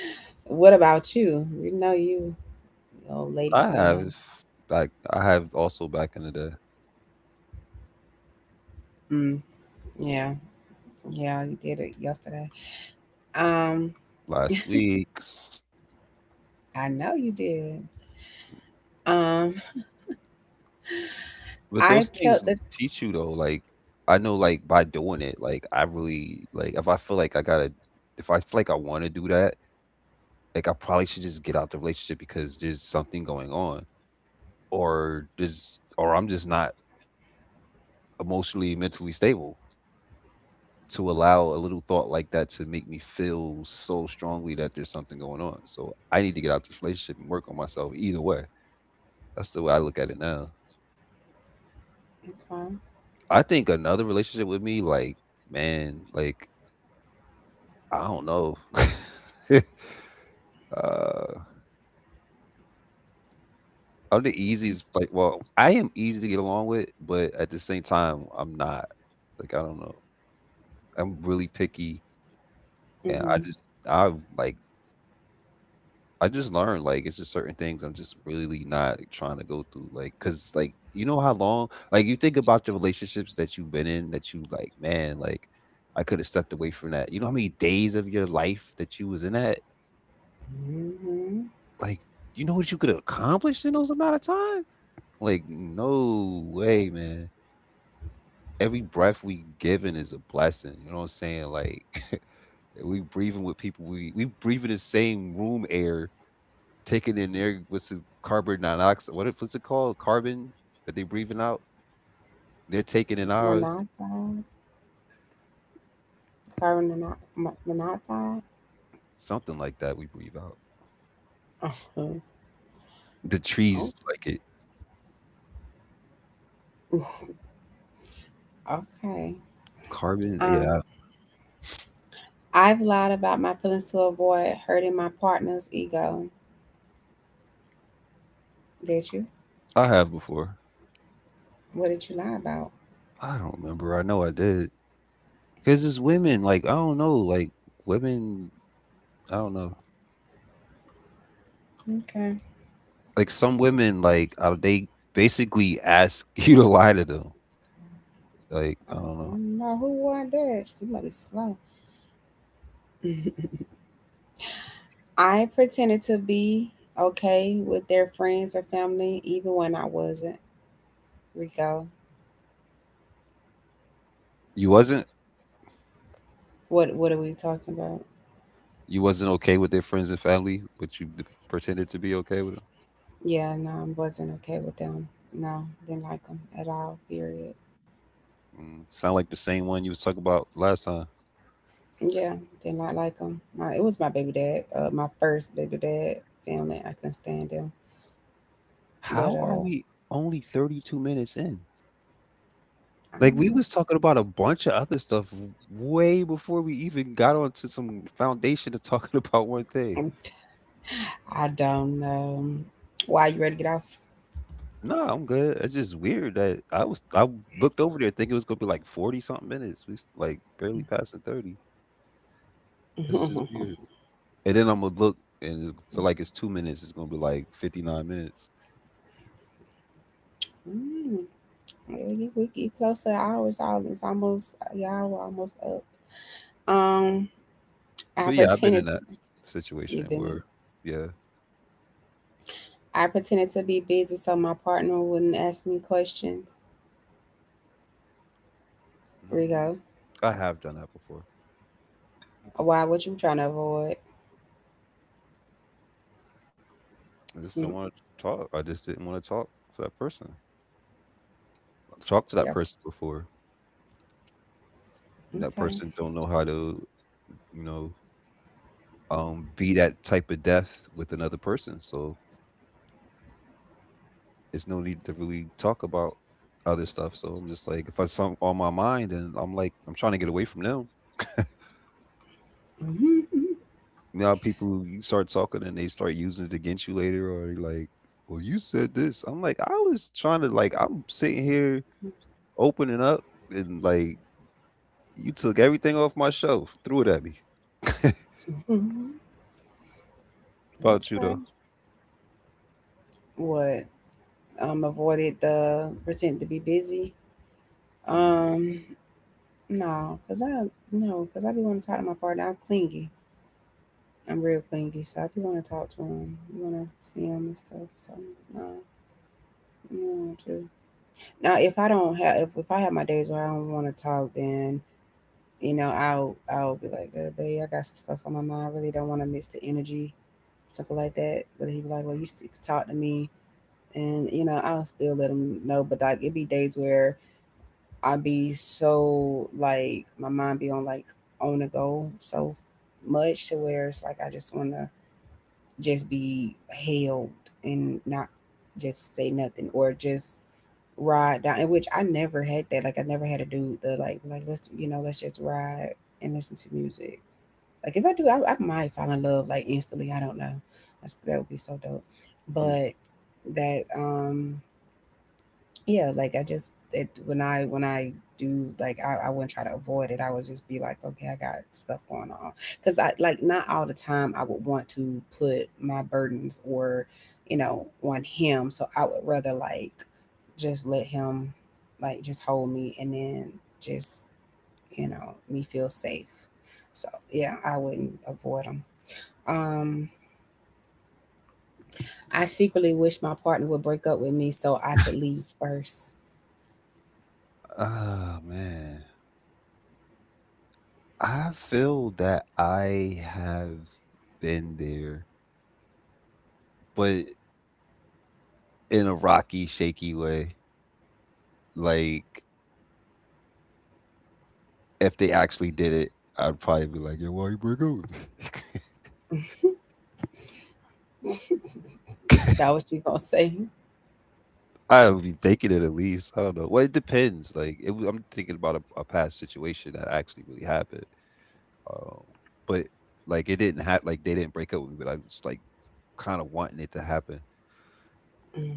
Speaker 1: What about you? We know you, you old ladies,
Speaker 2: I
Speaker 1: man.
Speaker 2: have like I have also back in the day,
Speaker 1: Mm, yeah, yeah, you did it yesterday. Um,
Speaker 2: last week. S-
Speaker 1: I know you did. Um,
Speaker 2: But
Speaker 1: I
Speaker 2: those
Speaker 1: kept
Speaker 2: things
Speaker 1: the.
Speaker 2: teach you though. Like I know, like by doing it, like I really like if I feel like I gotta, if I feel like I want to do that, like I probably should just get out the relationship because there's something going on, or there's, or I'm just not emotionally, mentally stable to allow a little thought like that to make me feel so strongly that there's something going on. So I need to get out this relationship and work on myself. Either way, that's the way I look at it now.
Speaker 1: Okay.
Speaker 2: I think another relationship with me, like, man, like, I don't know. uh, I'm the easiest, like, well, I am easy to get along with, but at the same time, I'm not. Like, I don't know. I'm really picky, and I
Speaker 1: Mm-hmm.
Speaker 2: just, I like, I just learned, like, it's just certain things I'm just really not trying to go through. Like, cause, like, you know how long, like, you think about the relationships that you've been in that you, like, man, like, I could have stepped away from that. You know how many days of your life that you was in that?
Speaker 1: Mm-hmm.
Speaker 2: Like you know what you could have accomplished in those amount of time? Like, no way, man. Every breath we given is a blessing. You know what I'm saying? Like we breathing with people, we breathing the same room air, taking in their, what's the carbon dioxide, what it, what's it called? Carbon that they breathing out? They're taking in ours.
Speaker 1: Monoxide, monoxide.
Speaker 2: Something like that we breathe out.
Speaker 1: Uh-huh.
Speaker 2: The
Speaker 1: Oh,
Speaker 2: trees like it.
Speaker 1: okay.
Speaker 2: Carbon,
Speaker 1: Um,
Speaker 2: yeah.
Speaker 1: I've lied about my feelings to avoid hurting my partner's ego. Did you?
Speaker 2: I have before.
Speaker 1: What did you lie about?
Speaker 2: I don't remember. I know I did. Cause it's women, like I don't know, like women, I don't know.
Speaker 1: Okay.
Speaker 2: Like some women, like they basically ask you to lie to them. Like I
Speaker 1: Uh,
Speaker 2: don't
Speaker 1: I
Speaker 2: know.
Speaker 1: don't know who was that. She must be slow. I pretended to be okay with their friends or family, even when I wasn't. Rico,
Speaker 2: You wasn't,
Speaker 1: what are we talking about?
Speaker 2: you wasn't okay with their friends and family, but you d- pretended to be okay with them.
Speaker 1: Yeah, no, I wasn't okay with them. No, didn't like them at all. Period.
Speaker 2: Mm, sound like the same one you was talking about last time.
Speaker 1: Yeah, did not like them. My it was my baby dad, my first baby dad family. I couldn't stand them, but
Speaker 2: How are we only 32 minutes in?
Speaker 1: I don't
Speaker 2: Like we
Speaker 1: know.
Speaker 2: was talking about a bunch of other stuff way before we even got onto some foundation of talking about one thing.
Speaker 1: Um, I don't know. Why you ready to get off?
Speaker 2: No, I'm good. It's just weird that I was I looked over there thinking it was gonna be like 40 something minutes. We s- like barely passing 30. That's just weird. And then I'm gonna look and it's- feel like it's 2 minutes. It's gonna be like 59 minutes.
Speaker 1: Mm, yeah, you- we get close to hours. All it's almost y'all were almost up. Um, I
Speaker 2: But yeah, I've been
Speaker 1: pretended
Speaker 2: in that situation
Speaker 1: you've been in.
Speaker 2: where, yeah,
Speaker 1: I pretended to be busy so my partner wouldn't ask me questions.
Speaker 2: mm,
Speaker 1: Rigo.
Speaker 2: I have done that before.
Speaker 1: Why? What you trying to avoid?
Speaker 2: I just
Speaker 1: Mm,
Speaker 2: don't want to talk. I just didn't want to talk to that person. I've talked to that
Speaker 1: yep.
Speaker 2: person before. And that
Speaker 1: Okay.
Speaker 2: person don't know how to, you know, be that type of depth with another person. So it's no need to really talk about other stuff. So I'm just like, if I something on my mind, and I'm like, I'm trying to get away from them.
Speaker 1: Hmm.
Speaker 2: Now people, you start talking and they start using it against you later, or you're like, well, you said this. I'm like, I was trying to like, I'm sitting here opening up, and like, you took everything off my shelf, threw it at me.
Speaker 1: Hmm.
Speaker 2: About you though?
Speaker 1: Okay. What? Avoided the pretend to be busy.
Speaker 2: Mm,
Speaker 1: Um, no, cause I no, cause I be want to talk to my partner. I'm clingy. I'm real clingy, so I be want to talk to him. Want to see him and stuff. So no, you don't want to. Now, if I don't have, if I have my days where I don't want to talk, then you know I'll be like, babe, I got some stuff on my mind. I really don't want to miss the energy. Something like that. But he was like, "Well,
Speaker 2: mm,
Speaker 1: you still talk to me," and you know, I'll still let him know. But like, it'd be days where I'd be so like my mind be on like on the go so much to where it's like I just want to just be held and not just say nothing or just ride down. In which I never had that. Like I never had a dude that like let's you know let's just ride and listen to music. Like if I do, I might fall in love like instantly. I don't know. That's that would be so dope.
Speaker 2: mm.
Speaker 1: But that yeah, like I just it when I do like I wouldn't try to avoid it. I would just be like, okay, I got stuff going on. Cause I like not all the time I would want to put my burdens or, you know, on him. So I would rather like just let him like just hold me and then just, you know, me feel safe. So yeah, I wouldn't avoid him. Um, I secretly wish my partner would break up with me so I could leave first.
Speaker 2: Ah man, I feel that. I have been there, but in a rocky, shaky way. Like if they actually did it, I'd probably be like, "Yo, why you break up?"
Speaker 1: That was you gonna say?
Speaker 2: I would be thinking it at least. I don't know. Well, it depends. Like it, w- I'm thinking about a past situation that actually really happened. Um, but like it didn't have like they didn't break up with me, but I was like kind of wanting it to happen.
Speaker 1: Mm.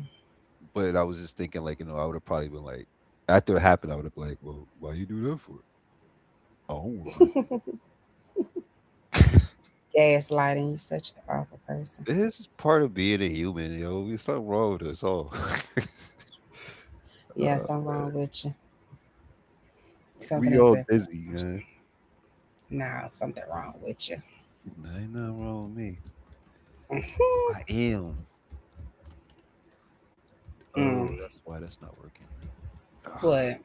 Speaker 2: But I was just thinking like I would have probably been like after it happened I would have been like, well, why you do that for? I don't want to break.
Speaker 1: Gaslighting, you're such an awful person.
Speaker 2: This is part of being a human, yo. There's something wrong with us all.
Speaker 1: Yeah,
Speaker 2: uh,
Speaker 1: something wrong with you. Something
Speaker 2: we
Speaker 1: is
Speaker 2: all
Speaker 1: definitely.
Speaker 2: dizzy, man.
Speaker 1: Nah, something wrong with you.
Speaker 2: Nah, ain't nothing wrong with me. I am. Oh,
Speaker 1: Mm.
Speaker 2: that's why that's not working. Ugh.
Speaker 1: What?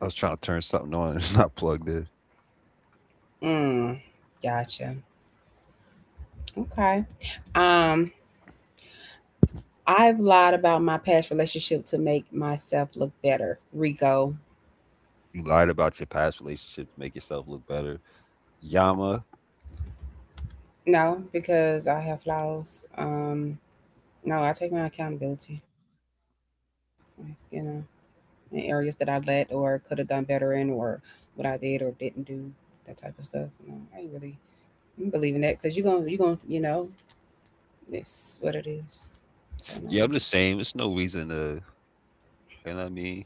Speaker 2: I was trying to turn something on. It's not plugged in.
Speaker 1: Mm. Gotcha. Okay. Um, I've lied about my past relationship to make myself look better. Rico.
Speaker 2: You lied about your past relationship to make yourself look better. Yama.
Speaker 1: No, because I have flaws. Um, no, I take my accountability. Like, you know, in areas that I let or could have done better in, or what I did or didn't do, that type of stuff. No, I ain't really I ain't believing that because you gonna you know it's what it is. So no.
Speaker 2: Yeah, I'm the same. It's no reason to, you know what I mean?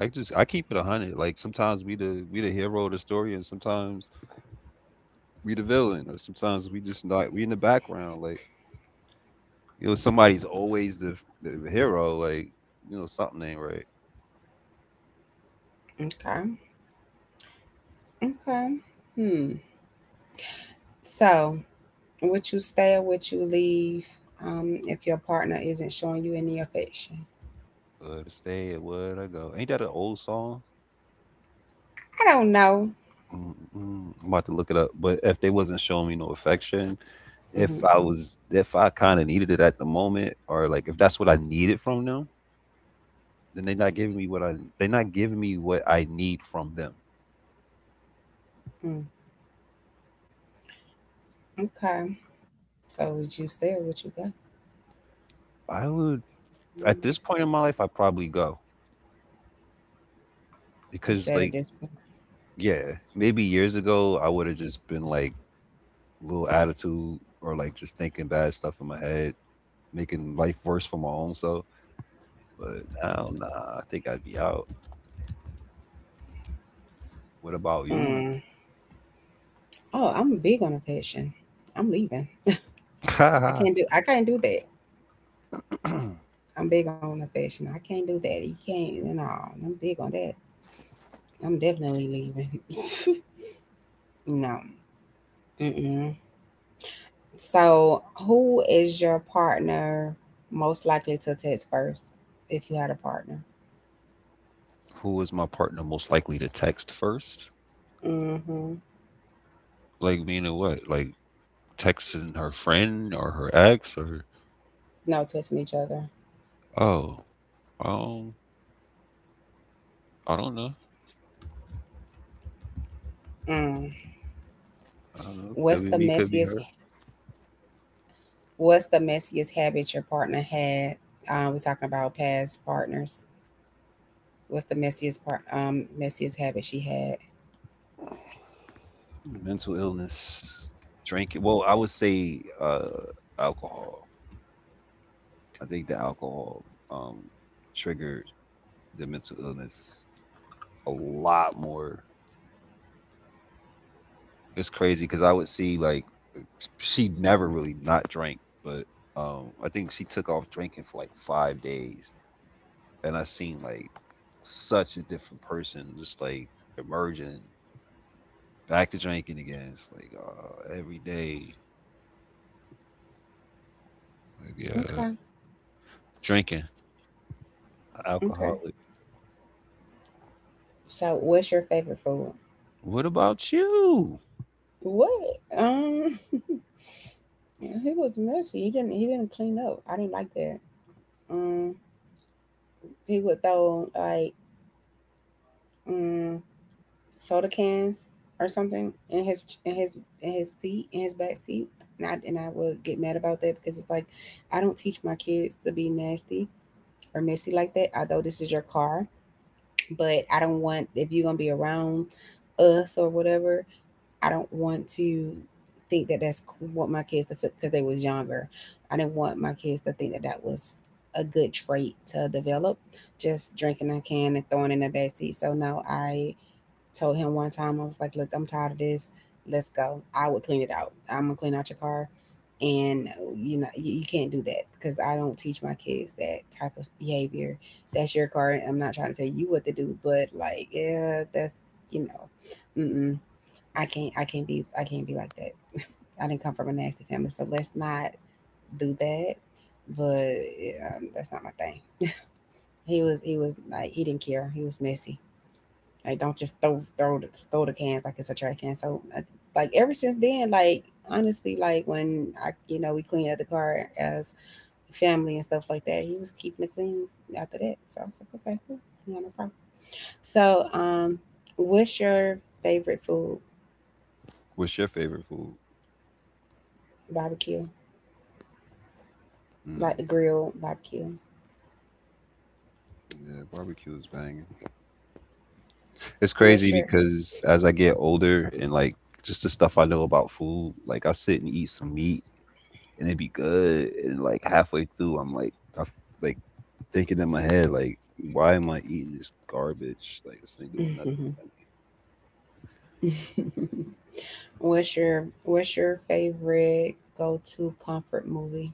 Speaker 2: I just, I keep it 100. Like, sometimes we the hero of the story, and sometimes we the villain, or sometimes we just not, we in the background. Like, you know somebody's always the hero. Like you know something ain't right.
Speaker 1: Okay. Okay. Hmm. So, would you stay or would you leave if your partner isn't showing you any affection?
Speaker 2: Where to stay and where to go? Ain't that an old song?
Speaker 1: I don't know.
Speaker 2: Mm-mm. I'm about to look it up. But if they wasn't showing me no affection, if
Speaker 1: Hmm.
Speaker 2: I was, if I kind of needed it at the moment, or like if that's what I needed from them, then they're not giving me what I they're not giving me what I need from them.
Speaker 1: Mm. Okay. So, would you stay or would you go?
Speaker 2: I would, at
Speaker 1: Mm.
Speaker 2: this point in my life, I probably go
Speaker 1: You
Speaker 2: because
Speaker 1: said at
Speaker 2: like
Speaker 1: this point.
Speaker 2: yeah, maybe years ago I would have just been like little attitude, or like just thinking bad stuff in my head, making life worse for my own self. But now, nah, I think I'd be out. What about you?
Speaker 1: Mm. Oh, I'm big on affection. I'm leaving. I can't do. I can't do that. I'm big on affection. I can't do that. You can't. No, I'm big on that. I'm definitely leaving. No. Mm-mm. So, who is your partner most likely to text first if you had a partner?
Speaker 2: Who is my partner most likely to text first?
Speaker 1: Mm-hmm.
Speaker 2: Like, meaning what? Like texting her friend or her ex, or
Speaker 1: No texting each other.
Speaker 2: oh, um, I don't know.
Speaker 1: Mm.
Speaker 2: I don't know.
Speaker 1: What's
Speaker 2: Could be
Speaker 1: the
Speaker 2: me, could be
Speaker 1: messiest?
Speaker 2: her.
Speaker 1: What's the messiest habit your partner had? We're talking about past partners. What's the messiest part? Messiest habit she had.
Speaker 2: Mental illness, drinking. Well, I would say alcohol. I think the alcohol um triggered the mental illness a lot more. It's crazy because I would see like she never really not drank, but I think she took off drinking for like 5 days, and I seen like such a different person, just like emerging back to drinking again. It's like every day, like yeah,
Speaker 1: Okay.
Speaker 2: drinking,
Speaker 1: Okay.
Speaker 2: alcoholic.
Speaker 1: So, what's your favorite food?
Speaker 2: What about you?
Speaker 1: What? Um, he was messy. He didn't. He didn't clean up. I didn't like that. Um, he would throw like. um. Soda cans or something in his in his in his seat in his back seat and and I would get mad about that because it's like I don't teach my kids to be nasty or messy like that although this is your car but I don't want if you're gonna be around us or whatever I don't want to think that that's what my kids to feel because they was younger I didn't want my kids to think that that was a good trait to develop just drinking a can and throwing in the backseat so no I told him one time, I was like, look, I'm tired of this. Let's go. I would clean it out. I'm going to clean out your car. And you know, you can't do that because I don't teach my kids that type of behavior. That's your car. I'm not trying to tell you what to do, but like, yeah, that's, you know, mm-mm, I can't be like that. I didn't come from a nasty family, so let's not do that. But yeah, that's not my thing. He was like, he didn't care. He was messy. Like, don't just throw the cans like it's a trash can. Like ever since then, like honestly, like when I we cleaned up the car as family and stuff like that, he was keeping it clean after that. So I was like, okay, cool, yeah, no problem. So what's your favorite food?
Speaker 2: What's your favorite food?
Speaker 1: Barbecue? Like
Speaker 2: Mm,
Speaker 1: the grill barbecue.
Speaker 2: yeah, barbecue is banging. It's crazy
Speaker 1: What's your
Speaker 2: because as I get older and like just the stuff I know about food, like I sit and eat some meat and it'd be good. And like halfway through, I'm like, I f like thinking in my head, like, why am I eating this garbage? Like, this ain't doing nothing for me.
Speaker 1: What's your favorite go to comfort movie?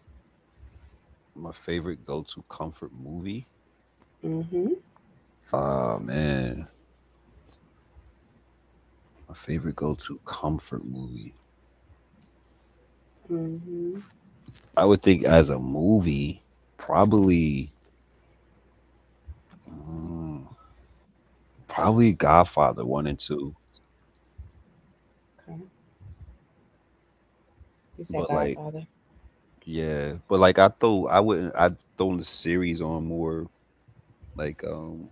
Speaker 2: My favorite go-to comfort movie?
Speaker 1: Mm-hmm.
Speaker 2: Ah man, my favorite go-to comfort movie.
Speaker 1: Mm-hmm.
Speaker 2: I would think as a movie, probably, mm, probably Godfather one and two.
Speaker 1: Okay. You said
Speaker 2: But like,
Speaker 1: Godfather.
Speaker 2: yeah, but like I throw, I wouldn't I throw the series on more, like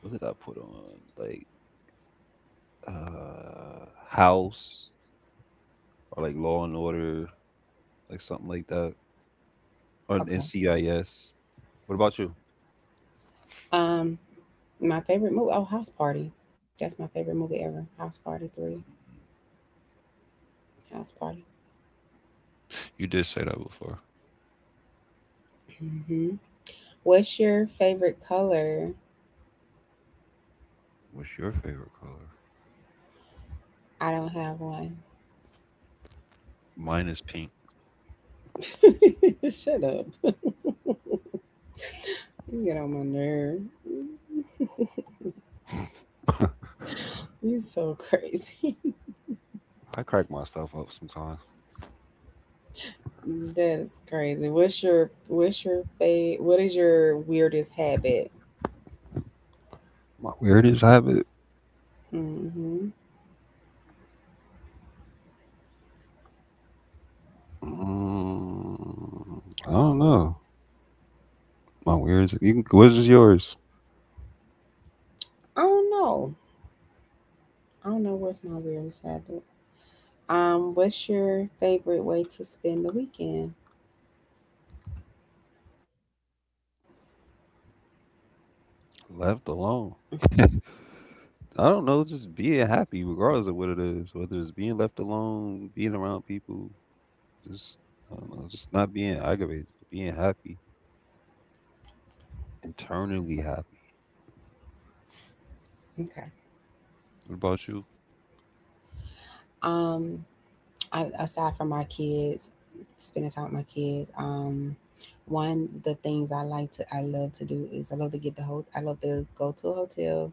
Speaker 2: what did I put on? Like House, or like Law and Order, like something like that. Or
Speaker 1: Okay.
Speaker 2: NCIS. What about you?
Speaker 1: Um, my favorite movie. Oh, House Party. That's my favorite movie ever. House Party Three. House Party.
Speaker 2: You did say that before.
Speaker 1: Hmm. What's your favorite color?
Speaker 2: What's your favorite color?
Speaker 1: I don't have one.
Speaker 2: Mine is pink.
Speaker 1: Shut up. You get on my nerve.
Speaker 2: I
Speaker 1: You so crazy.
Speaker 2: crack myself up sometimes.
Speaker 1: That's crazy. What is your weirdest habit?
Speaker 2: My weirdest habit.
Speaker 1: Hmm.
Speaker 2: Mm, I don't know. My weirdest. You can, what is yours?
Speaker 1: I don't know. I don't know what's my weirdest habit. What's your favorite way to spend the weekend?
Speaker 2: Left
Speaker 1: Mm.
Speaker 2: alone. I don't know, just being happy regardless of what it is, whether it's being left alone, being around people, just I don't know, just not being aggravated, but being happy, internally happy.
Speaker 1: Okay.
Speaker 2: What about you?
Speaker 1: Um, aside from my kids, spending time with my kids. One the things I like to I love to do is I love to get the whole. I love to go to a hotel.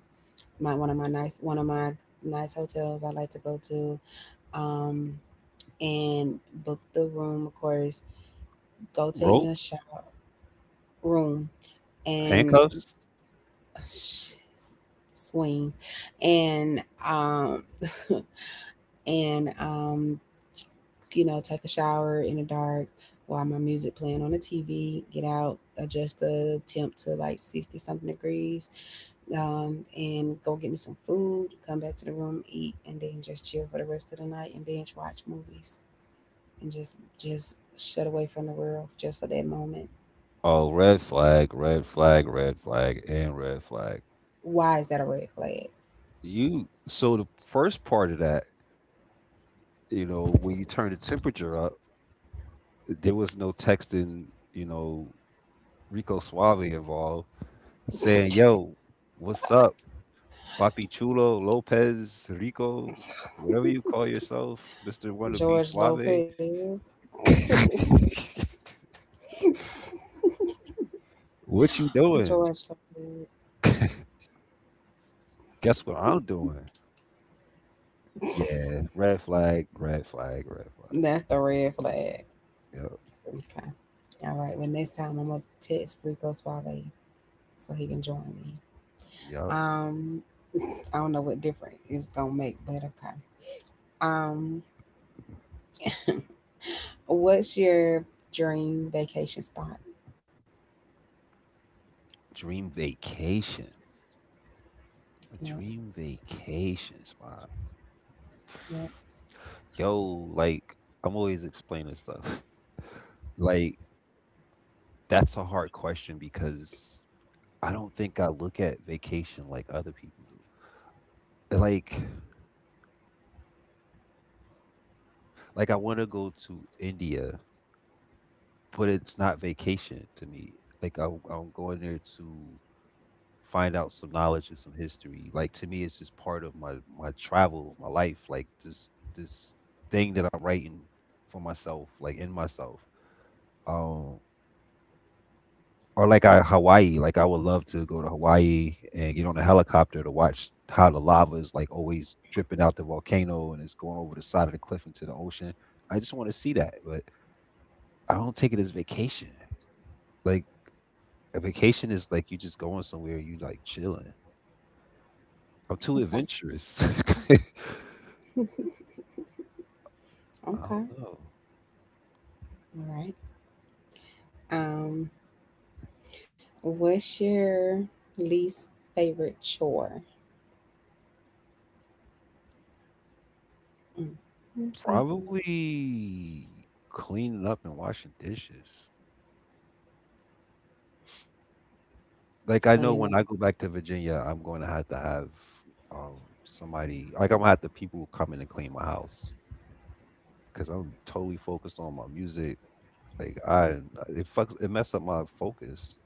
Speaker 1: My one of my nice one of my nice hotels I like to go to. Um, and book the room, of course. Go take me
Speaker 2: Rope,
Speaker 1: a shower room and
Speaker 2: handcuffs?
Speaker 1: swing, and um. And take a shower in the dark while my music playing on the TV, get out, adjust the temp to like 60 something degrees, and go get me some food, come back to the room, eat, and then just chill for the rest of the night and binge watch movies and just shut away from the world just for that moment.
Speaker 2: Oh, red flag, red flag, red flag, and red flag.
Speaker 1: Why is that a red flag?
Speaker 2: You so the first part of that, when you turn the temperature up, there was no texting, Rico Suave involved. Saying, "Yo, what's up, Papi Chulo, Lopez, Rico, whatever you call yourself, Mister Wanna Be
Speaker 1: George
Speaker 2: Suave?
Speaker 1: Lopez.
Speaker 2: What you
Speaker 1: George
Speaker 2: doing?
Speaker 1: Lopez.
Speaker 2: Guess what I'm doing?" Yeah, red flag, red flag, red flag.
Speaker 1: That's the red flag.
Speaker 2: Yep,
Speaker 1: Okay. All right. Well, next time I'm gonna text Rico Suave so he can join me.
Speaker 2: yep.
Speaker 1: Um, I don't know what difference it's gonna make, but okay. Um, what's your dream vacation spot?
Speaker 2: Dream vacation, a
Speaker 1: Yep.
Speaker 2: dream vacation spot.
Speaker 1: Yep.
Speaker 2: Yo, like I'm always explaining stuff. Like, that's a hard question because I don't think I look at vacation like other people do. Like, like I want to go to India, but it's not vacation to me. Like I'm going there to find out some knowledge and some history. Like, to me, it's just part of my travel, my life. Like this thing that I'm writing for myself, like in myself. Um, or like Hawaii. Like, I would love to go to Hawaii and get on a helicopter to watch how the lava is like always dripping out the volcano and it's going over the side of the cliff into the ocean. I just want to see that, but I don't take it as vacation. Like, a vacation is like you just going somewhere, you like chilling. I'm too
Speaker 1: Okay.
Speaker 2: adventurous. I
Speaker 1: Okay.
Speaker 2: don't know.
Speaker 1: All right. Um, what's your least favorite chore? Mm. Mm-hmm.
Speaker 2: Probably cleaning up and washing dishes. Like, I know
Speaker 1: Cleaning the.
Speaker 2: when I go back to Virginia, I'm going to have somebody, like I'm gonna have the people who come in and clean my house because I'm gonna be totally focused on my music. Like it fucks, it messed up my focus.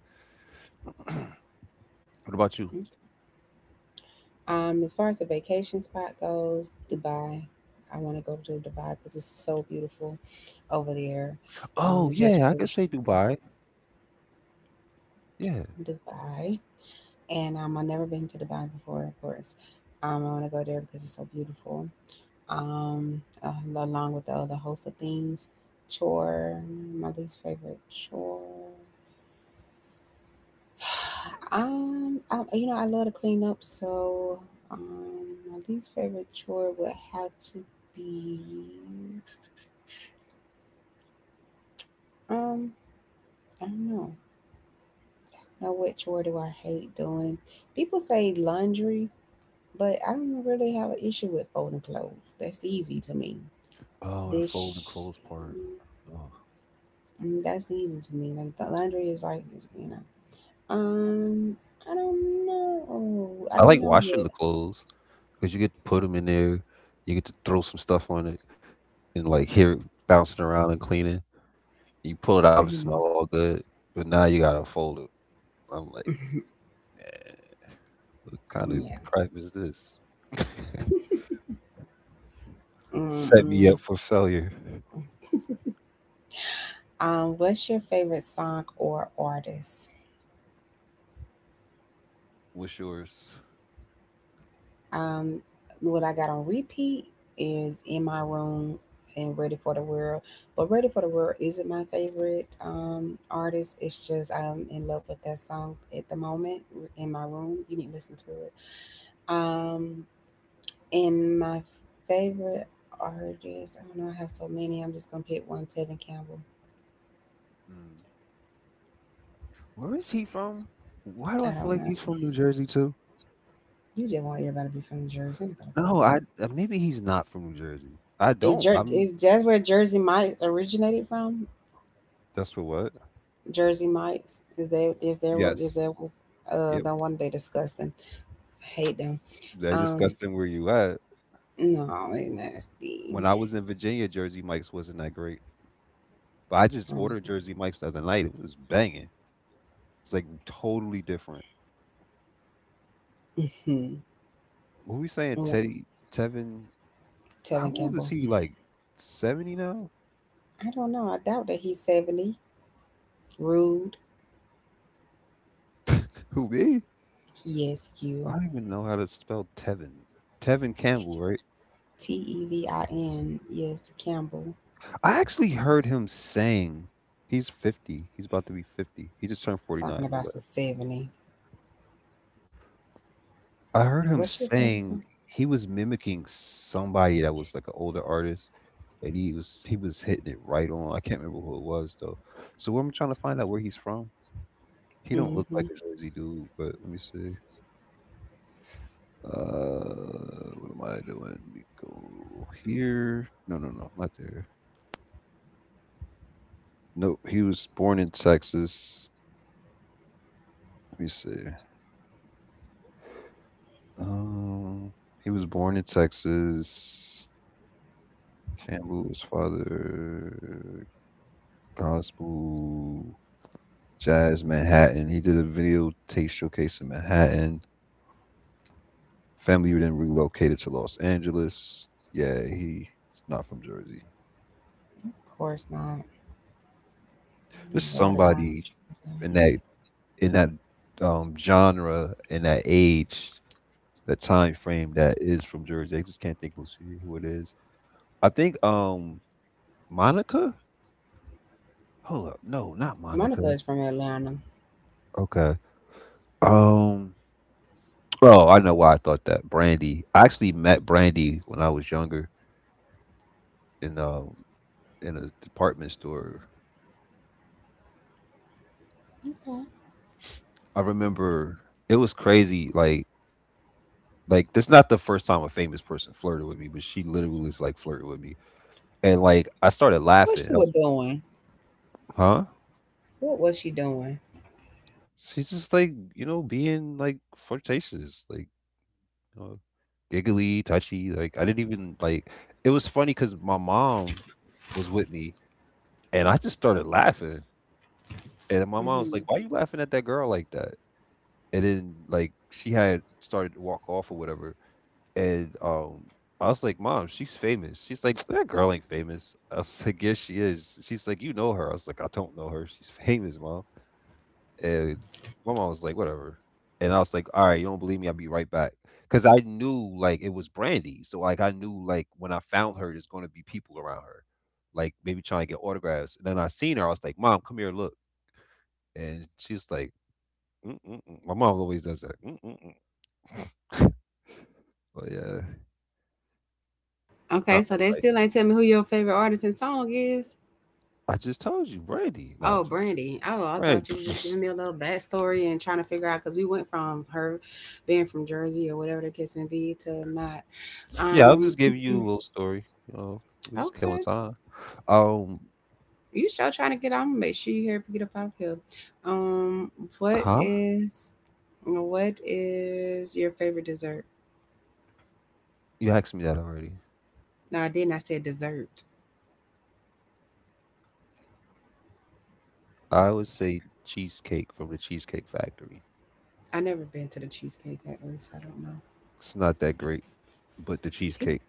Speaker 2: What about you?
Speaker 1: As far as the vacation spot goes, Dubai. I want to go to Dubai because it's so beautiful over there.
Speaker 2: Oh
Speaker 1: It's just
Speaker 2: yeah, I
Speaker 1: really
Speaker 2: could say
Speaker 1: str-
Speaker 2: Dubai. Yeah.
Speaker 1: Dubai, and I've never been to Dubai before, of course. I want to go there because it's so beautiful. Along with the other host of things. Chore, my least favorite chore. You know, I love to clean up, so um, my least favorite chore would have to be, um, I don't know. Now, what chore do I hate doing? People say laundry, but I don't really have an issue with folding clothes. That's easy to me.
Speaker 2: Oh, the fold and
Speaker 1: This,
Speaker 2: clothes part.
Speaker 1: mm,
Speaker 2: Oh.
Speaker 1: that's easy to me. Like, the laundry is like, you know. Um, I don't know. I
Speaker 2: I
Speaker 1: don't
Speaker 2: like
Speaker 1: know
Speaker 2: washing
Speaker 1: yet.
Speaker 2: the clothes because you get to put them in there. You get to throw some stuff on it and like hear it bouncing around and cleaning. You pull it
Speaker 1: Hmm.
Speaker 2: out, it smell all good. But now you gotta fold it. I'm like. What kind of
Speaker 1: Yeah.
Speaker 2: crap is this?
Speaker 1: Mm-mm.
Speaker 2: Set me up for failure.
Speaker 1: Mm-hmm. What's your favorite song or artist?
Speaker 2: What's yours?
Speaker 1: Um, what I got on repeat is "In My Room" and "Ready for the World," but "Ready for the World" isn't my favorite artist. It's just I'm in love with that song at the moment. "In My Room," you need to listen to it. Um, And my favorite artist, I don't know, I have so many. I'm just gonna pick one, Tevin Campbell.
Speaker 2: Mm. Where is he from? Why do
Speaker 1: I
Speaker 2: I feel
Speaker 1: don't
Speaker 2: like
Speaker 1: know.
Speaker 2: he's from New Jersey too?
Speaker 1: You just want everybody to be from Jersey. Ain't nobody from
Speaker 2: No, I
Speaker 1: Jersey.
Speaker 2: maybe he's not from New Jersey. I
Speaker 1: Is
Speaker 2: don't.
Speaker 1: Jer-
Speaker 2: I'm.
Speaker 1: is that's where Jersey Mike's originated from?
Speaker 2: That's for what?
Speaker 1: Jersey Mike's is there? Is there? what- Is
Speaker 2: Yes.
Speaker 1: there? what-
Speaker 2: Yep.
Speaker 1: The one they disgusting. I hate them.
Speaker 2: They
Speaker 1: Um,
Speaker 2: discussed him where you at.
Speaker 1: no, they
Speaker 2: When
Speaker 1: nasty.
Speaker 2: I was in Virginia, Jersey Mike's wasn't that great, but I just
Speaker 1: From.
Speaker 2: ordered Jersey Mike's the other night. It was banging. It's like totally different.
Speaker 1: Mhm.
Speaker 2: What we saying,
Speaker 1: Oh,
Speaker 2: Teddy Tevin? How
Speaker 1: Tevin
Speaker 2: old is
Speaker 1: Campbell.
Speaker 2: he? Like, 70 now?
Speaker 1: I don't know. I doubt that he's 70. Rude.
Speaker 2: Who me?
Speaker 1: Yes,
Speaker 2: I
Speaker 1: you.
Speaker 2: don't even know how to spell Tevin. Tevin Campbell, right?
Speaker 1: Tevin. Yes, Campbell.
Speaker 2: I actually heard him saying he's 50. He's about to be 50. He just turned
Speaker 1: Talking
Speaker 2: 49. My
Speaker 1: about some
Speaker 2: bad.
Speaker 1: 70.
Speaker 2: I heard him
Speaker 1: What's your favorite song?
Speaker 2: saying he was mimicking somebody that was like an older artist, and he was hitting it right on. I can't remember who it was though. So I'm trying to find out where he's from. He don't look
Speaker 1: Mm-hmm.
Speaker 2: like
Speaker 1: Of
Speaker 2: a Jersey dude, but let me see. What am I doing? Let me go here. No, no, no, not there. No, he was born in Texas. Let me see. Um, he was born in Texas. Campbell's father, gospel, jazz, Manhattan. He did a video tape showcase in Manhattan. Family then relocated to Los Angeles. Yeah, he's not from Jersey.
Speaker 1: course not.
Speaker 2: There's
Speaker 1: Water down.
Speaker 2: somebody in that in that genre, in that age, that time frame that is from Jersey. I just can't think who it is. I think Monica? Hold up. No, not
Speaker 1: Monica
Speaker 2: Monica.
Speaker 1: is from Atlanta.
Speaker 2: Okay. Um Oh, I know why I thought that. Brandy. I actually met Brandy when I was younger in a department store.
Speaker 1: Okay.
Speaker 2: I remember it was crazy, like that's not the first time a famous person flirted with me, but she literally was like flirting with me. And like I started
Speaker 1: What
Speaker 2: laughing.
Speaker 1: she
Speaker 2: I was-
Speaker 1: was doing?
Speaker 2: Huh?
Speaker 1: What was she doing?
Speaker 2: She's just like, being like flirtatious. Like Uh, giggly, touchy. Like, I didn't even like. It was funny because my mom was with me, and I just started laughing. And my mom was
Speaker 1: Hmm.
Speaker 2: like, "Why you laughing at that girl like that?" And then, like, she had started to walk off or whatever, and I was like, "Mom, she's famous." She's like, "That girl ain't famous." I was like, "Yes, she is." She's like, "You know her." I was like, "I don't know her. She's famous, Mom." And my mom was like, whatever. And I was like, "All right, you don't believe me? I'll be right back." 'Cause I knew like it was Brandy. So like, I knew like when I found her, there's gonna be people around her. Like, maybe trying to get autographs. And then I seen her, I was like, "Mom, come here, look." And she's like, mm-mm-mm. My mom always does that. Mm-mm-mm. But yeah,
Speaker 1: Okay,
Speaker 2: not
Speaker 1: so
Speaker 2: my
Speaker 1: they
Speaker 2: type.
Speaker 1: still ain't tell me who your favorite artist and song is.
Speaker 2: I just told you, Brandy. No, I'm
Speaker 1: Oh,
Speaker 2: joking.
Speaker 1: Brandy. Oh, I
Speaker 2: Brandy.
Speaker 1: thought you was just giving me a little backstory and trying to figure out because we went from her being from Jersey or whatever the case may be to not.
Speaker 2: Yeah, I was
Speaker 1: Um,
Speaker 2: just giving you a little story. You know, we're just killing
Speaker 1: okay.
Speaker 2: time. Um,
Speaker 1: You sure trying to get out? I'm gonna make sure you here get up out here. Um, what
Speaker 2: huh?
Speaker 1: is what is your favorite dessert?
Speaker 2: You asked me that already.
Speaker 1: No, I didn't. I said dessert.
Speaker 2: I would say cheesecake from the Cheesecake Factory.
Speaker 1: I never been to the Cheesecake Factory, so I don't know.
Speaker 2: It's not that great, but the
Speaker 1: Peop-
Speaker 2: cheesecake,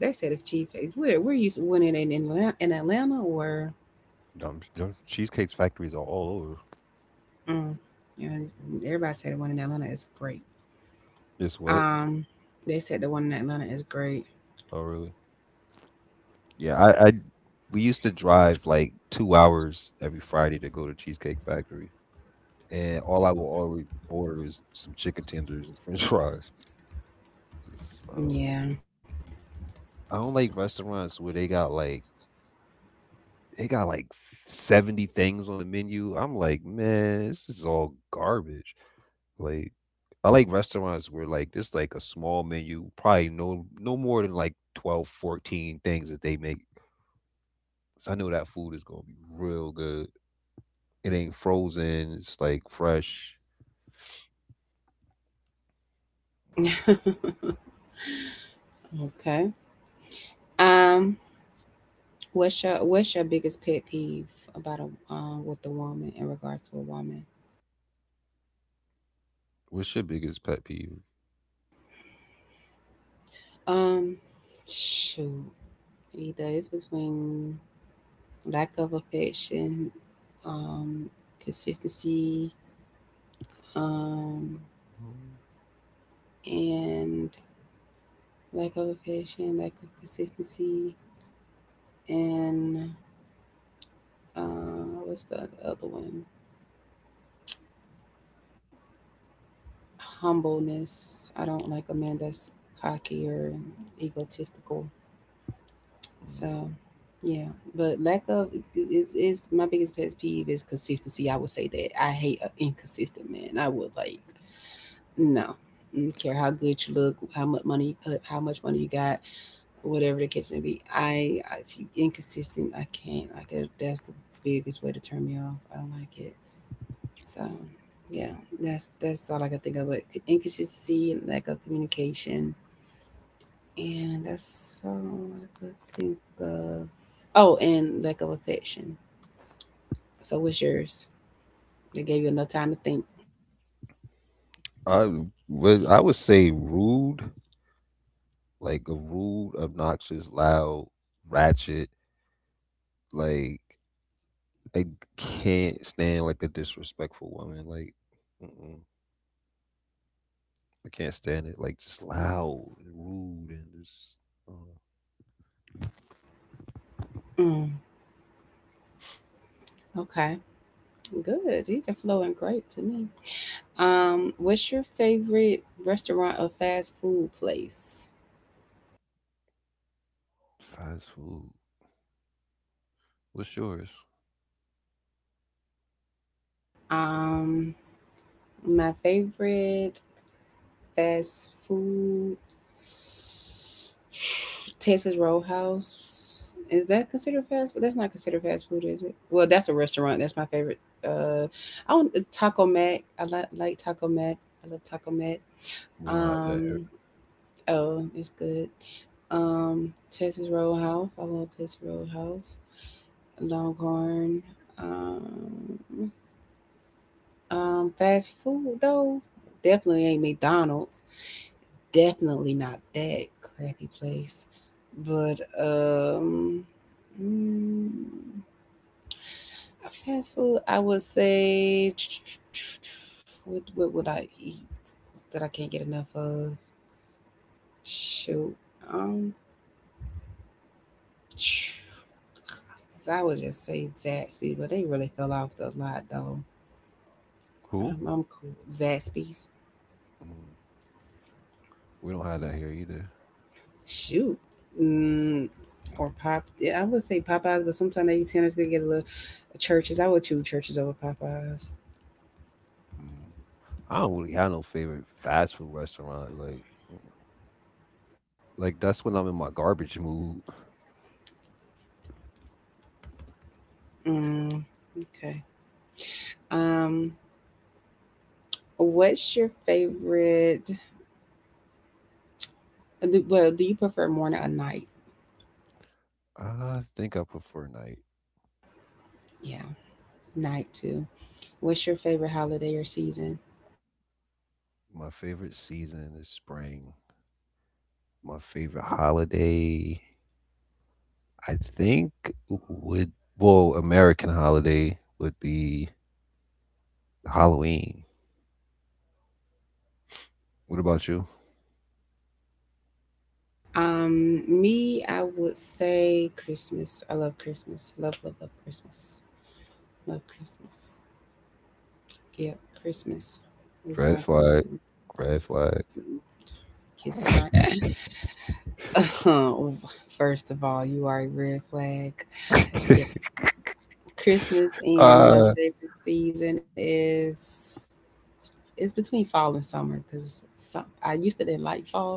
Speaker 1: They said if cheesecake, where you when it in Atlanta or
Speaker 2: dumb, dumb, cheesecake factories are all over.
Speaker 1: mm, yeah, everybody said the one in Atlanta is great.
Speaker 2: It's what?
Speaker 1: Um, they said the one in Atlanta is great.
Speaker 2: Oh, really? Yeah, we used to drive like 2 hours every Friday to go to Cheesecake Factory, and all I will always order is some chicken tenders and French fries. 'Cause
Speaker 1: Yeah.
Speaker 2: I don't like restaurants where they got like 70 things on the menu. I'm like, man, this is all garbage. Like, I like restaurants where like it's like a small menu, probably no more than like 12, 14 things that they make. So I know that food is gonna be real good. It ain't frozen. It's like fresh. Wow.
Speaker 1: Okay. Um, What's your biggest pet peeve about a with a woman, in regards to a woman?
Speaker 2: What's your biggest pet peeve?
Speaker 1: Um, shoot, either it's between lack of affection, um, consistency, um, and lack of affection, lack of consistency, and what's the other one? Humbleness. I don't like a man that's cocky or egotistical. So, yeah, but lack of is my biggest pet peeve is consistency. I would say that I hate an inconsistent man. I would like, no, mm, care how good you look, how much money you got, whatever the case may be. I if you inconsistent, I can't. Like that's the biggest way to turn me off. I don't like it. So yeah, that's all I can think of. But c- inconsistency, lack of communication, and that's all I could think of. Oh, and lack of affection. So what's yours? They gave you enough time to think.
Speaker 2: I I would say rude, like a rude, obnoxious, loud, ratchet. Like, I can't stand like a disrespectful woman. Like, mm-mm. I can't stand it. Like just loud and rude and just uh,
Speaker 1: Mm, okay, good. These are flowing great to me. What's your favorite restaurant or fast food place?
Speaker 2: fast food. What's yours?
Speaker 1: Um, my favorite. Fast food. Texas Roadhouse. Is that considered fast food? That's not considered fast food, is it? Well, that's a restaurant. That's my favorite. Uh, I want Taco Mac. I like Taco Mac. I love Taco Mac.
Speaker 2: We don't have that here.
Speaker 1: Um, oh, it's good. Um, Texas Roadhouse. I love Texas Roadhouse. Longhorn. Um, fast food though, definitely ain't McDonald's. Definitely not that crappy place. But um, mm, fast food, I would say. What would I eat that I can't get enough of? Shoot, um, I would just say Zaxby, but they really fell off a lot though.
Speaker 2: Who?
Speaker 1: I'm cool. Zaxby.
Speaker 2: Mm, we don't have that here either.
Speaker 1: Shoot. Mm, or Pop. Yeah, I would say Popeyes, but sometimes they tenders could get a little. Churches. I would choose churches over Popeyes.
Speaker 2: Mm. I don't really have no favorite fast food restaurant. Like, mm. like that's when I'm in my garbage mood.
Speaker 1: Mm, okay. Um, what's your favorite? Well, do you prefer morning or night?
Speaker 2: I think I prefer night.
Speaker 1: Yeah, night too. What's your favorite holiday or season?
Speaker 2: My favorite season is spring. My favorite holiday, I think, would well, American holiday would be Halloween. What about you?
Speaker 1: Me, I would say Christmas. I love Christmas. Love, love, love Christmas. Love Christmas. Yeah, Christmas is my
Speaker 2: Red flag,
Speaker 1: go-to.
Speaker 2: red flag.
Speaker 1: Kiss my First of all, you are a red flag. Yeah, Christmas. And my
Speaker 2: Uh,
Speaker 1: favorite season is, it's between fall and summer because some I used to didn't like fall,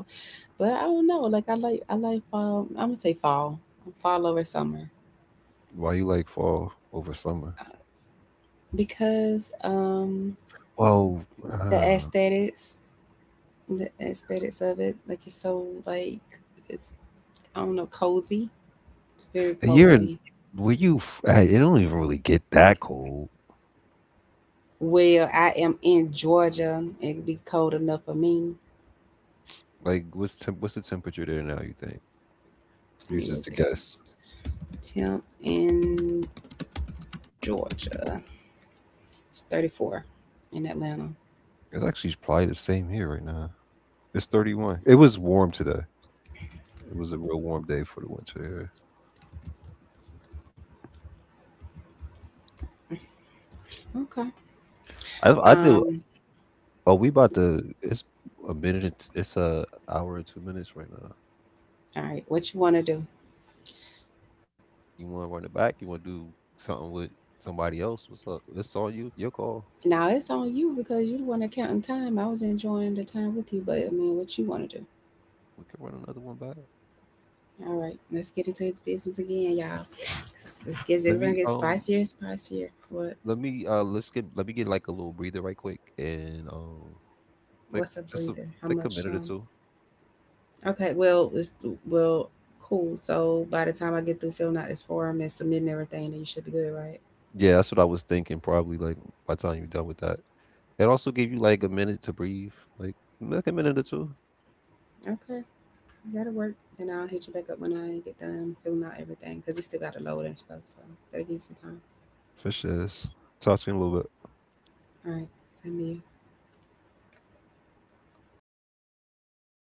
Speaker 1: but I don't know. Like I like fall. I'm gonna say fall, fall over summer.
Speaker 2: Why you like fall over summer?
Speaker 1: Uh, because
Speaker 2: Well,
Speaker 1: the
Speaker 2: uh,
Speaker 1: aesthetics, the aesthetics of it, like it's so like it's, I don't know, cozy. It's very
Speaker 2: a year in-
Speaker 1: cozy.
Speaker 2: were you? It don't even really get that cold.
Speaker 1: Well, I am in Georgia. It'd be cold enough for me.
Speaker 2: Like, what's the temperature there now? You think?
Speaker 1: Let
Speaker 2: You
Speaker 1: me look
Speaker 2: just a
Speaker 1: it up.
Speaker 2: guess.
Speaker 1: Temp in Georgia. It's 34 in Atlanta.
Speaker 2: It's actually probably the same here right now. It's 31. It was warm today. It was a real warm day for the winter here.
Speaker 1: Okay.
Speaker 2: I did.
Speaker 1: Um,
Speaker 2: Oh, we about to. It's a minute. It's a hour and 2 minutes right now.
Speaker 1: all right. What you want to do?
Speaker 2: You want to run it back? You want to do something with somebody else? What's up? It's on you. Your call.
Speaker 1: Now it's on you because you're the one that counting time. I was enjoying the time with you, but I mean, what you want to do?
Speaker 2: We can run another one back.
Speaker 1: All right. Let's get into his business again, y'all. This this gets
Speaker 2: Let
Speaker 1: it's gonna
Speaker 2: me
Speaker 1: get
Speaker 2: um.
Speaker 1: spicier and spicier. What?
Speaker 2: Let me. Let's get. Let me get like a little breather right quick and. Like
Speaker 1: What's a
Speaker 2: just a
Speaker 1: breather? How
Speaker 2: like a
Speaker 1: much
Speaker 2: minute or
Speaker 1: time?
Speaker 2: two.
Speaker 1: Okay, well, it's well, cool. So by the time I get through filling out this form and submitting everything, then you should be good, right?
Speaker 2: Yeah, that's what I was thinking. Probably like by the time you're done with that, it also give you like a minute to breathe. Like a minute or two.
Speaker 1: Okay, that'll work. And I'll hit you back up when I get done filling out everything because it still got to load and stuff. So that'll give you some time.
Speaker 2: For sure. Talk to you in a little bit.
Speaker 1: All right, same to you.